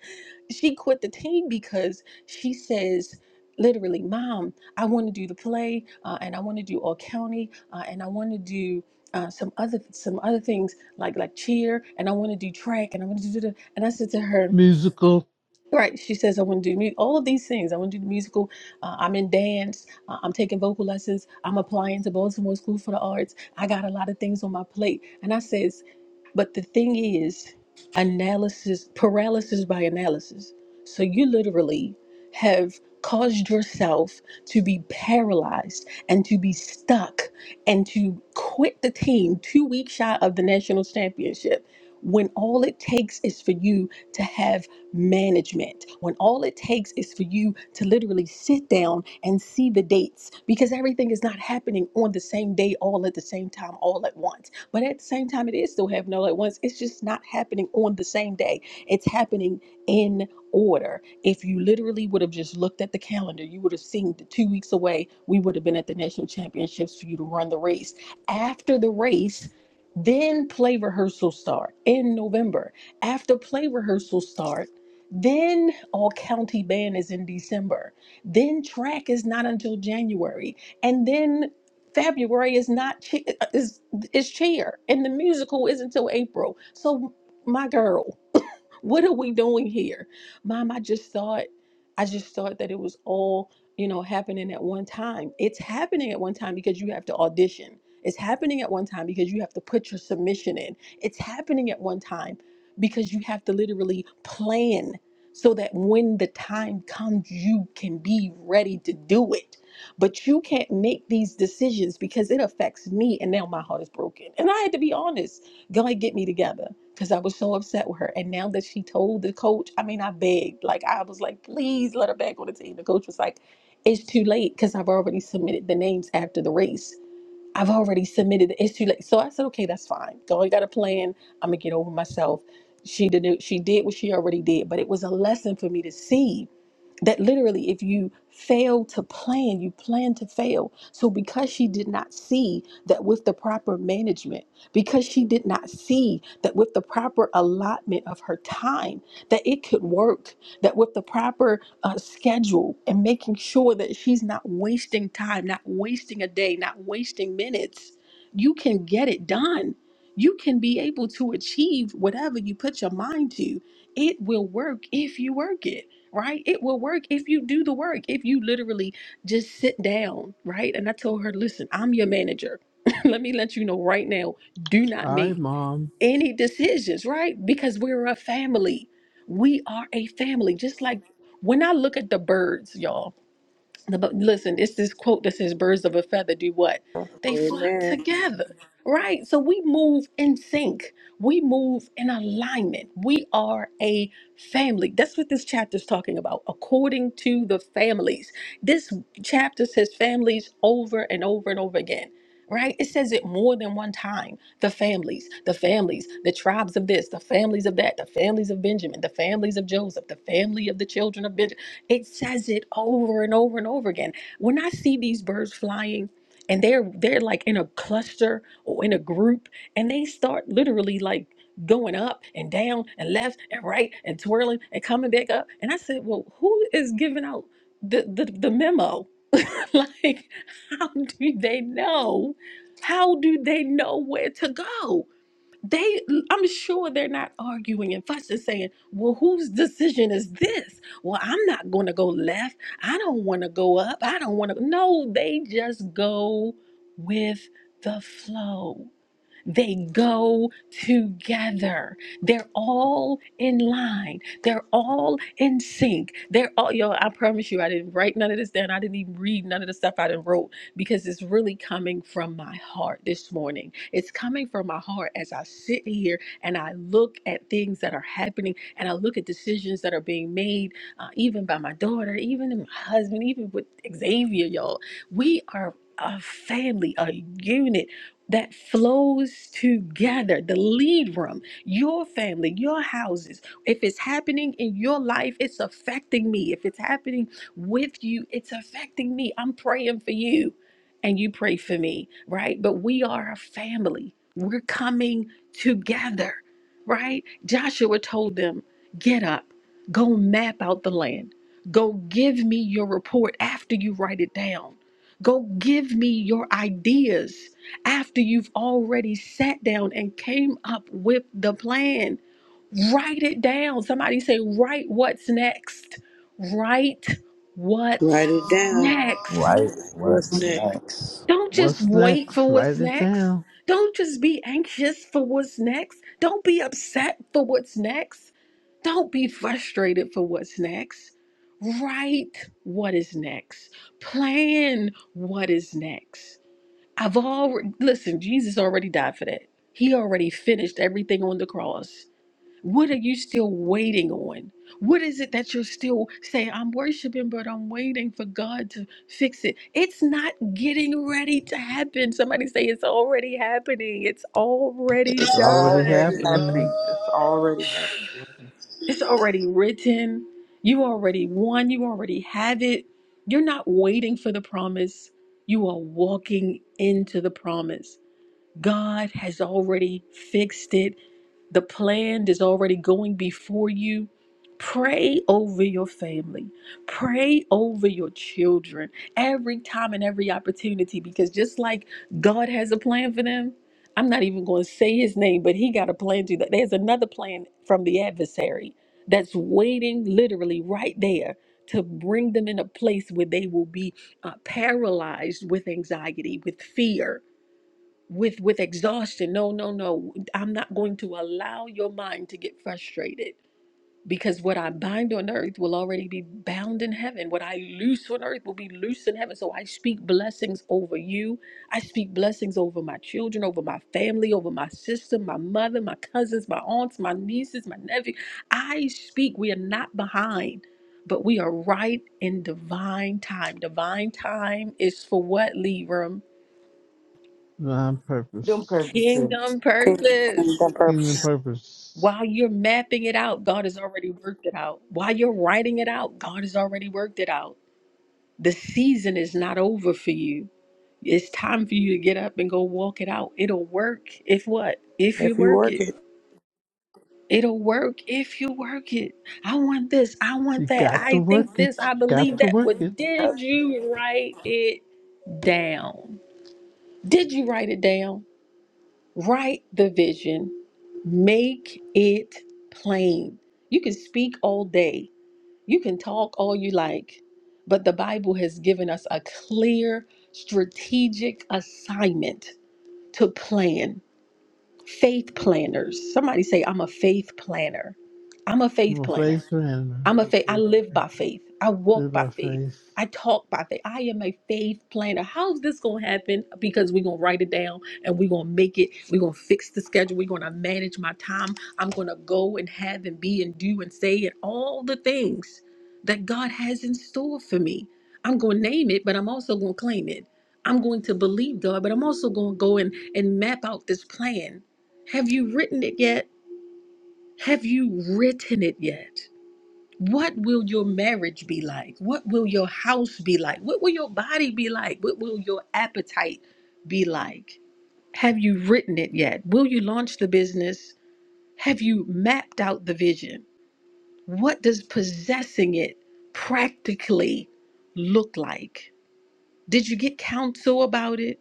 Speaker 5: She quit the team because she says, literally, Mom, I want to do the play uh, and I want to do all county uh, and I want to do. Uh, some other some other things like like cheer and I want to do track and I want to do the and I said to her
Speaker 12: musical.
Speaker 5: Right. She says, I want to do mu- all of these things. I want to do the musical. Uh, I'm in dance. Uh, I'm taking vocal lessons. I'm applying to Baltimore School for the Arts. I got a lot of things on my plate. And I says, but the thing is, analysis, paralysis by analysis. So you literally have caused yourself to be paralyzed and to be stuck and to quit the team two weeks shy of the national championship when all it takes is for you to have management when all it takes is for you to literally sit down and see the dates because everything is not happening on the same day, all at the same time, all at once. But at the same time, it is still happening all at once. It's just not happening on the same day, it's happening in order. If you literally would have just looked at the calendar, you would have seen the two weeks away, we would have been at the national championships for you to run the race. After the race, then play rehearsal start in November. After play rehearsal start then all county band is in December. Then track is not until January, and then February is not che- is is cheer, and the musical is until April. So my girl, what are we doing here mom i just thought i just thought that it was all you know happening at one time it's happening at one time because you have to audition it's happening at one time because you have to put your submission in it's happening at one time because you have to literally plan so that when the time comes you can be ready to do it but you can't make these decisions because it affects me and now my heart is broken and i had to be honest god get me together because I was so upset with her. And now that she told the coach, I mean, I begged. Like, I was like, please let her back on the team. The coach was like, it's too late because I've already submitted the names after the race. I've already submitted. it. It's too late. So I said, okay, that's fine. Go. I got a plan. I'm gonna get over myself. She did. She did what she already did, but it was a lesson for me to see that literally if you fail to plan you plan to fail so because she did not see that with the proper management because she did not see that with the proper allotment of her time that it could work that with the proper uh, schedule and making sure that she's not wasting time not wasting a day not wasting minutes you can get it done you can be able to achieve whatever you put your mind to it will work if you work it right? It will work if you do the work, if you literally just sit down, right? And I told her, listen, I'm your manager. (laughs) let me let you know right now, do not
Speaker 12: All right,
Speaker 5: make
Speaker 12: Mom.
Speaker 5: any decisions, right? Because we're a family. We are a family. Just like when I look at the birds, y'all, the, bu- listen, it's this quote that says, Birds of a feather do what? They flock
Speaker 2: Amen.
Speaker 5: together, right? So we move in sync, we move in alignment. We are a family. That's what this chapter is talking about, according to the families. This chapter says families over and over and over again. Right? It says it more than one time. The families, the families, the tribes of this, the families of that, the families of Benjamin, the families of Joseph, the family of the children of Benjamin. It says it over and over and over again. When I see these birds flying and they're they're like in a cluster or in a group and they start literally like going up and down and left and right and twirling and coming back up and I said, "Well, who is giving out the the, the memo?" (laughs) like how do they know? How do they know where to go? they i'm sure they're not arguing and fussing saying well whose decision is this well i'm not going to go left i don't want to go up i don't want to no they just go with the flow they go together. They're all in line. They're all in sync. They're all, yo, I promise you, I didn't write none of this down. I didn't even read none of the stuff I didn't wrote because it's really coming from my heart this morning. It's coming from my heart as I sit here and I look at things that are happening and I look at decisions that are being made, uh, even by my daughter, even my husband, even with Xavier, y'all. We are a family, a unit that flows together the lead room your family your houses if it's happening in your life it's affecting me if it's happening with you it's affecting me i'm praying for you and you pray for me right but we are a family we're coming together right joshua told them get up go map out the land go give me your report after you write it down go give me your ideas after you've already sat down and came up with the plan. Write it down. Somebody say, write what's next. Write what's
Speaker 2: Write it down.
Speaker 5: next.
Speaker 6: Right?
Speaker 2: What's
Speaker 6: What's
Speaker 2: next?
Speaker 6: next?
Speaker 5: Don't just
Speaker 12: What's
Speaker 5: wait
Speaker 12: next?
Speaker 5: for what's
Speaker 12: Write it
Speaker 5: next.
Speaker 12: down.
Speaker 5: Don't just be anxious for what's next. Don't be upset for what's next. Don't be frustrated for what's next. Write what is next. Plan what is next. I've already, listen, Jesus already died for that. He already finished everything on the cross. What are you still waiting on? What is it that you're still saying, I'm worshiping, but I'm waiting for God to fix it? It's not getting ready to happen. Somebody say, It's already happening. It's already
Speaker 12: It's already
Speaker 2: already
Speaker 5: done.
Speaker 2: happening.
Speaker 12: happening.
Speaker 2: It's already happening.
Speaker 5: (sighs)
Speaker 1: of the heaven.
Speaker 5: It's already written. You already won. You already have it. You're not waiting for the promise. You are walking into the promise. God has already fixed it. The plan is already going before you. Pray over your family. Pray over your children every time and every opportunity because just like God has a plan for them, I'm not even going to say his name, but he got a plan to that. There's another plan from the adversary that's waiting literally right there to bring them in a place where they will be uh, paralyzed with anxiety, with fear with with exhaustion no no no i'm not going to allow your mind to get frustrated because what i bind on earth will already be bound in heaven what i loose on earth will be loose in heaven so i speak blessings over you i speak blessings over my children over my family over my sister my mother my cousins my aunts my nieces my nephew i speak we are not behind but we are right in divine time divine time is for what leave
Speaker 12: On
Speaker 4: Them
Speaker 12: purpose.
Speaker 4: purposes.
Speaker 5: Kingdom
Speaker 2: And
Speaker 5: purpose.
Speaker 2: the purpose.
Speaker 12: Kingdom purpose.
Speaker 5: While you're mapping it out, God has already worked it out. While you're writing it out, God has already worked it out. The season is not over for you. It's time for you to get up and go walk it out. It'll work if what? If you
Speaker 2: If you
Speaker 5: work
Speaker 2: work
Speaker 5: it.
Speaker 2: it,
Speaker 5: It'll work if you work it. I want this. I
Speaker 12: You
Speaker 5: want that.
Speaker 12: got to
Speaker 5: I
Speaker 12: work
Speaker 5: think
Speaker 12: it.
Speaker 5: this.
Speaker 12: You
Speaker 5: I
Speaker 12: got
Speaker 5: believe
Speaker 12: to
Speaker 5: that.
Speaker 12: work
Speaker 5: Well,
Speaker 12: it.
Speaker 2: that's
Speaker 5: did you write it down? Did you write it down? Write the vision, make it plain. You can speak all day, you can talk all you like, but the Bible has given us a clear strategic assignment to plan. Faith planners. Somebody say, I'm a faith planner. I'm a faith
Speaker 12: My
Speaker 5: planner.
Speaker 12: face ran.
Speaker 5: I'm a
Speaker 1: I'm
Speaker 5: faith. I live
Speaker 1: faithful.
Speaker 5: by faith. I
Speaker 12: Did
Speaker 5: walk by
Speaker 12: my
Speaker 5: faith.
Speaker 12: face.
Speaker 5: I talk by faith. I am a faith planner. How's this gonna happen? Because we're gonna write it down and we're gonna make it. We're gonna fix the schedule. We're gonna manage my time. I'm gonna go and have and be and do and say and all the things that God has in store for me. I'm gonna name it, but I'm also gonna claim it. I'm going to believe God, but I'm also gonna go and, and map out this plan. Have you written it yet? Have you written it yet? What will your marriage be like? What will your house be like? What will your body be like? What will your appetite be like? Have you written it yet? Will you launch the business? Have you mapped out the vision? What does possessing it practically look like? Did you get counsel about it?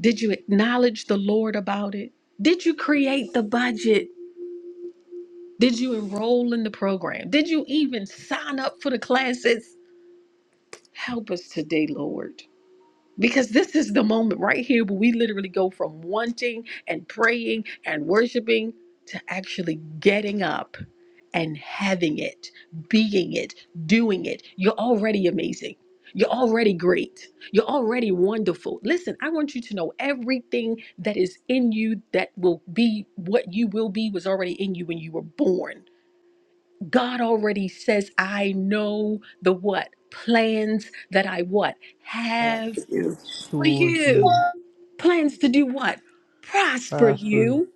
Speaker 5: Did you acknowledge the Lord about it? Did you create the budget? Did you enroll in the program? Did you even sign up for the classes? Help us today, Lord. Because this is the moment right here where we literally go from wanting and praying and worshiping to actually getting up and having it, being it, doing it. You're already amazing. You're already great. You're already wonderful. Listen, I want you to know everything that is in you that will be what you will be was already in you when you were born. God already says, I know the what? Plans that I what?
Speaker 2: I
Speaker 5: Have
Speaker 2: forgive.
Speaker 5: for
Speaker 12: towards you,
Speaker 5: you. Plans to do what? Prosper
Speaker 12: prosper,
Speaker 5: you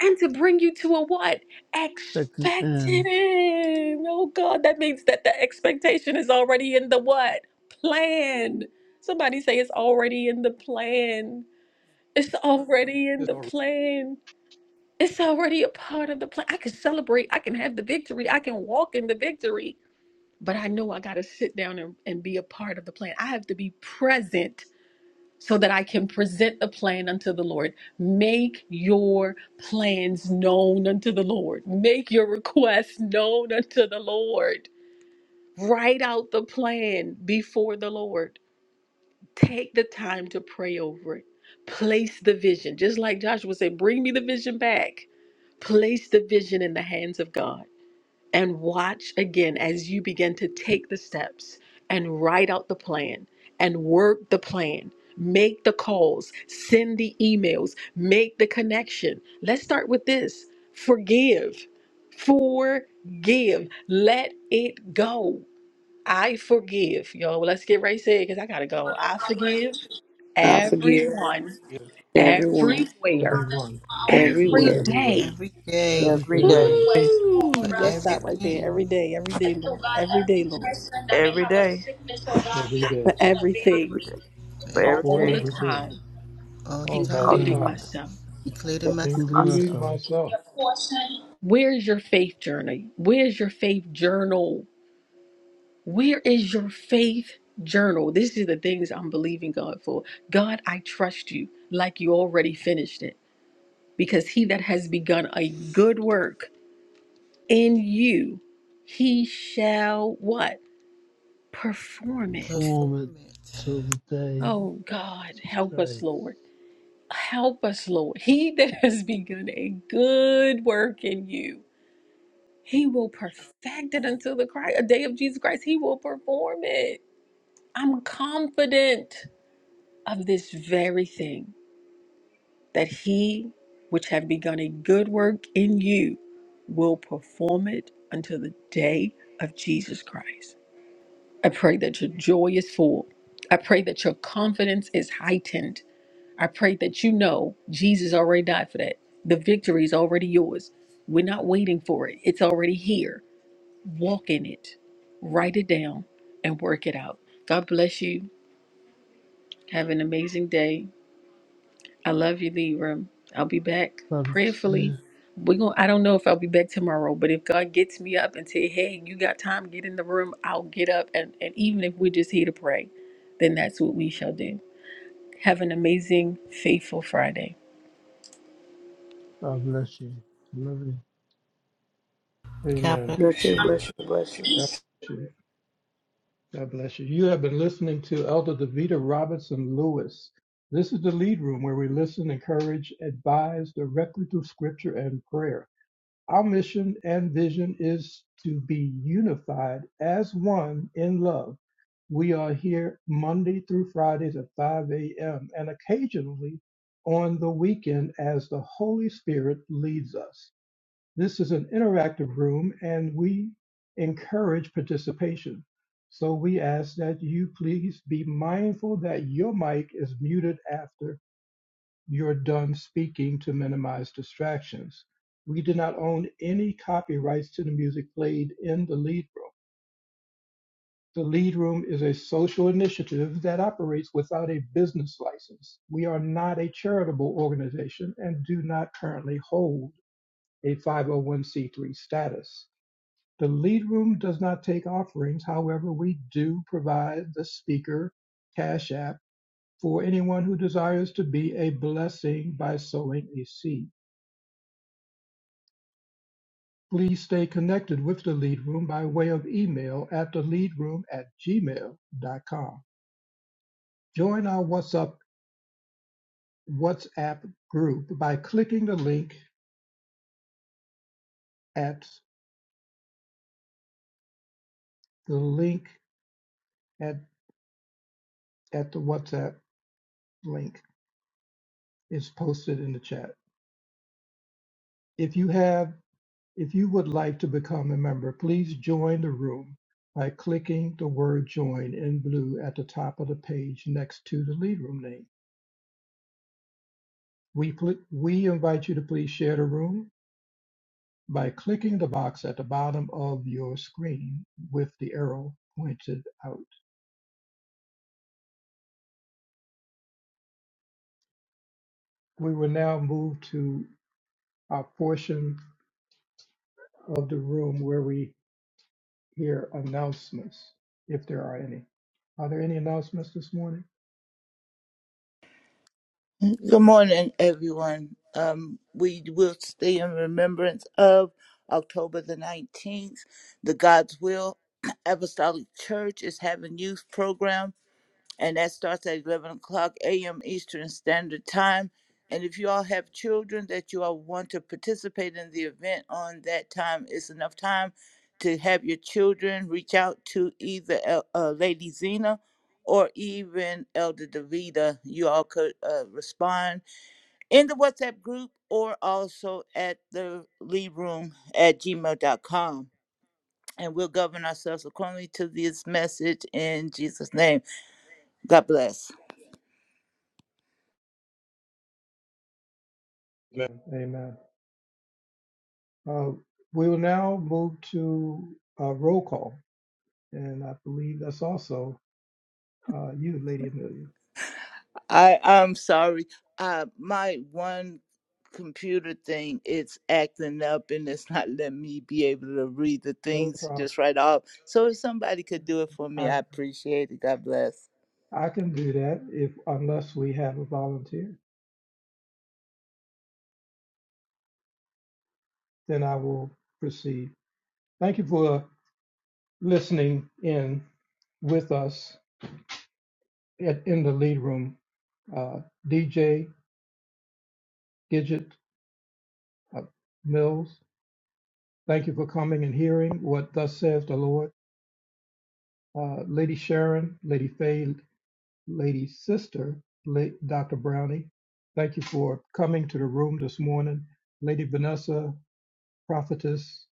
Speaker 5: and to bring you to a what?
Speaker 12: success, and
Speaker 5: Expected end. Oh God, that means that the expectation is already in the what? Plan. Somebody say it's already in the plan. It's already in
Speaker 1: It's
Speaker 5: the
Speaker 1: already
Speaker 5: plan. It's already a part of the plan. I can celebrate. I can have the victory. I can walk in the victory but I know I got to sit down and, and be a part of the plan. I have to be present so that I can present the plan unto the Lord. Make your plans known unto the Lord, make your requests known unto the Lord. Write out the plan before the Lord. Take the time to pray over it. Place the vision, just like Joshua said, bring me the vision back. Place the vision in the hands of God and watch again as you begin to take the steps and write out the plan and work the plan. Make the calls, send the emails, make the connection. Let's start with this forgive. Forgive. Let it go. I forgive. Yo, let's get right to it because I got to go. I forgive
Speaker 2: I forgive
Speaker 5: everyone,
Speaker 1: given.
Speaker 2: everyone,
Speaker 12: ever,
Speaker 5: everywhere,
Speaker 1: Everyone,
Speaker 5: every
Speaker 2: everywhere.
Speaker 12: everywhere,
Speaker 1: everywhere,
Speaker 5: day
Speaker 7: Every day,
Speaker 12: every
Speaker 2: Every
Speaker 1: every
Speaker 2: day.
Speaker 12: day,
Speaker 1: day.
Speaker 5: Woo!
Speaker 7: for
Speaker 5: Let's stop right there.
Speaker 7: everything,
Speaker 5: Every day, every day, Lord. Every day, Lord.
Speaker 2: Every day. Every day.
Speaker 1: every
Speaker 5: For
Speaker 1: day,
Speaker 5: everything,
Speaker 7: for
Speaker 2: For
Speaker 7: everything,
Speaker 1: for
Speaker 5: all the
Speaker 2: everything.
Speaker 1: everything,
Speaker 5: time,
Speaker 7: all the
Speaker 12: all
Speaker 1: all
Speaker 7: time,
Speaker 12: the
Speaker 2: All
Speaker 1: the
Speaker 2: the
Speaker 5: including
Speaker 12: time,
Speaker 1: time,
Speaker 2: time.
Speaker 5: myself.
Speaker 7: including
Speaker 2: Definitely
Speaker 7: myself.
Speaker 12: including
Speaker 1: including
Speaker 2: myself.
Speaker 12: myself,
Speaker 1: myself.
Speaker 5: Where's your faith journey? Where's your faith journal? Where is your faith journal? This is the things I'm believing God for. God, I trust you like you already finished it. Because he that has begun a good work in you, he shall what? Perform it.
Speaker 12: perform it
Speaker 7: Perform it.
Speaker 12: till the day
Speaker 5: Oh
Speaker 12: of
Speaker 5: God,
Speaker 12: Jesus
Speaker 5: help us,
Speaker 12: Christ.
Speaker 5: Lord. Help us, Lord. He that has begun a good work in you, he will perfect it until the cri- a day of Jesus Christ. He will perform it. I'm confident of this very thing that he which have begun a good work in you will perform it until the day of Jesus Christ. I pray that your joy is full. I pray that your confidence is heightened. I pray that you know Jesus already died for that. The victory is already yours. We're not waiting for it, it's already here. Walk in it, write it down, and work it out. God bless you. Have an amazing day. I love you, Libra. I'll be back
Speaker 12: Love you
Speaker 5: prayerfully.
Speaker 12: too.
Speaker 5: We're going to I don't know if I'll be back tomorrow, but if God gets me up and say, hey, you got time, get in the room, I'll get up. And, and even if we're just here to pray, then that's what we shall do. Have an amazing, faithful Friday.
Speaker 12: God bless you. I Love you.
Speaker 7: God
Speaker 1: Amen.
Speaker 2: Bless
Speaker 7: bless
Speaker 2: you,
Speaker 7: you.
Speaker 2: bless you, bless you.
Speaker 1: God bless you. God bless you. You have been listening to Elder Davita Robinson Lewis. This is the lead room where we listen, encourage, advise directly through scripture and prayer. Our mission and vision is to be unified as one in love. We are here Monday through Fridays at 5 a.m. and occasionally on the weekend as the Holy Spirit leads us. This is an interactive room and we encourage participation. So we ask that you please be mindful that your mic is muted after your done speaking to minimize distractions. We do not own any copyrights to the music played in the lead room. The lead room is a social initiative that operates without a business license. We are not a charitable organization and do not currently hold a 501c3 status. The lead room does not take offerings. However, we do provide the speaker cash app for anyone who desires to be a blessing by sowing a seed. Please stay connected with the Lead Room by way of email at theleadroom at gmail.com. Join our WhatsApp, WhatsApp group by clicking the link at the link at, at the WhatsApp link is posted in the chat. If you have if you would like to become a member, please join the room by clicking the word join in blue at the top of the page next to the lead room name. We, pl- we invite you to please share the room by clicking the box at the bottom of your screen with the arrow pointed out. We will now move to a portion of the room where we hear announcements, if there are any. Are there any announcements this morning?
Speaker 10: Good morning, everyone. Um, we will stay in remembrance of October the 19th. The God's Will (clears throat) Apostolic Church is having youth program and that starts at 11 o'clock a.m. Eastern Standard Time. And if you all have children that you all want to participate in the event on that time, it's enough time to have your children reach out to either uh, uh, Lady Zena or even Elder Davida. You all could uh, respond in the WhatsApp group or also at the lead room at Gmail dot com. And we'll govern ourselves accordingly to this message in Jesus' name. God bless.
Speaker 1: Amen. Amen. Uh, we will now move to a roll call, and I believe that's also uh, you, Lady Amelia.
Speaker 10: I I'm sorry. Uh, my one computer thing it's acting up and it's not letting me be able to read the
Speaker 1: No
Speaker 10: things
Speaker 1: problem.
Speaker 10: just right off. So if somebody could do it for me,
Speaker 1: I,
Speaker 10: I appreciate it. God bless.
Speaker 1: I can do that if, unless we have a volunteer, then I will proceed. Thank you for listening in with us at, in the lead room. Uh, DJ Gidget uh, Mills, thank you for coming and hearing what thus says the Lord. Uh, Lady Sharon, Lady Faye, Lady Sister, La- Dr. Brownie, thank you for coming to the room this morning. Lady Vanessa, Prophetess,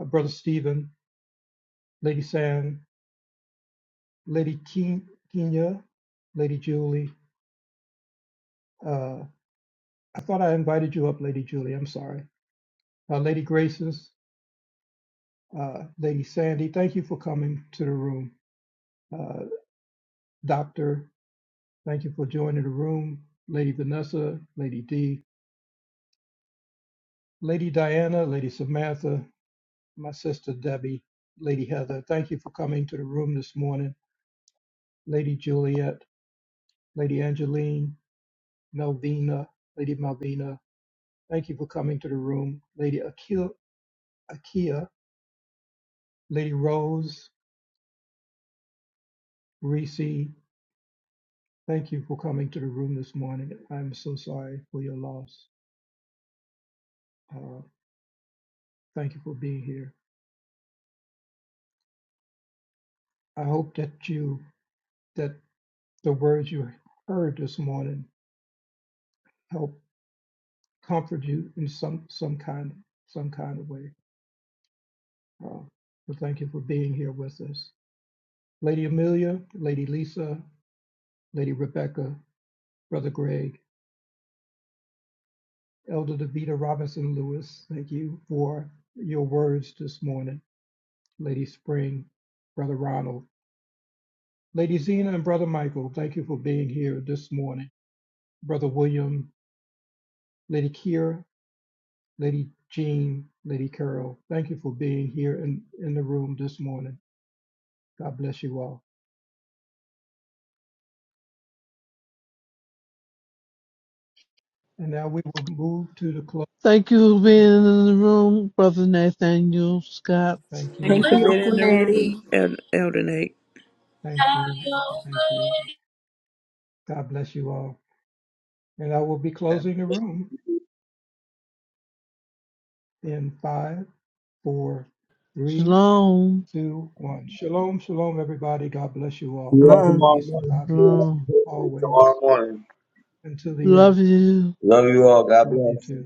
Speaker 1: uh, Brother Stephen, Lady Sam, Lady Ke- Kenya, Lady Julie, uh, I thought I invited you up, Lady Julie. I'm sorry. Uh, Lady Graces, uh, Lady Sandy, thank you for coming to the room. Uh, Doctor, thank you for joining the room. Lady Vanessa, Lady D, Lady Diana, Lady Samantha, my sister Debbie, Lady Heather, thank you for coming to the room this morning. Lady Juliet, Lady Angeline, Melvina, Lady Malvina, thank you for coming to the room. Lady Akia, Akia Lady Rose, Reese, Thank you for coming to the room this morning. I'm so sorry for your loss. Uh, thank you for being here. I hope that you that the words you heard this morning help comfort you in some some kind some kind of way. Uh, so thank you for being here with us, Lady Amelia, Lady Lisa, Lady Rebecca, Brother Greg, Elder Davita Robinson Lewis. Thank you for your words this morning, Lady Spring, Brother Ronald. Lady Zena and Brother Michael, thank you for being here this morning. Brother William, Lady Kira, Lady Jean, Lady Carol, thank you for being here in, in the room this morning. God bless you all. And now we will move to the close.
Speaker 12: Thank you for being in the room, Brother Nathaniel Scott.
Speaker 1: Thank
Speaker 2: Thank
Speaker 1: you.
Speaker 2: you
Speaker 5: Thank
Speaker 2: for
Speaker 5: you,
Speaker 2: being in the room,
Speaker 5: Okuneri.
Speaker 2: El- Elder Nate.
Speaker 1: Thank you. Thank you. God bless you all. And I will be closing the room in five, four, three,
Speaker 12: Shalom.
Speaker 1: two, one. Shalom, shalom, everybody. God bless you
Speaker 3: See
Speaker 1: all.
Speaker 3: you all
Speaker 1: May the
Speaker 8: you.
Speaker 3: tomorrow
Speaker 1: peace of
Speaker 3: morning.
Speaker 1: God be with you
Speaker 12: Shalom.
Speaker 3: Hopefully,
Speaker 1: always
Speaker 3: tomorrow morning.
Speaker 1: until the end.
Speaker 12: Love you.
Speaker 3: Love you all. God
Speaker 1: Love you
Speaker 3: bless.
Speaker 1: too.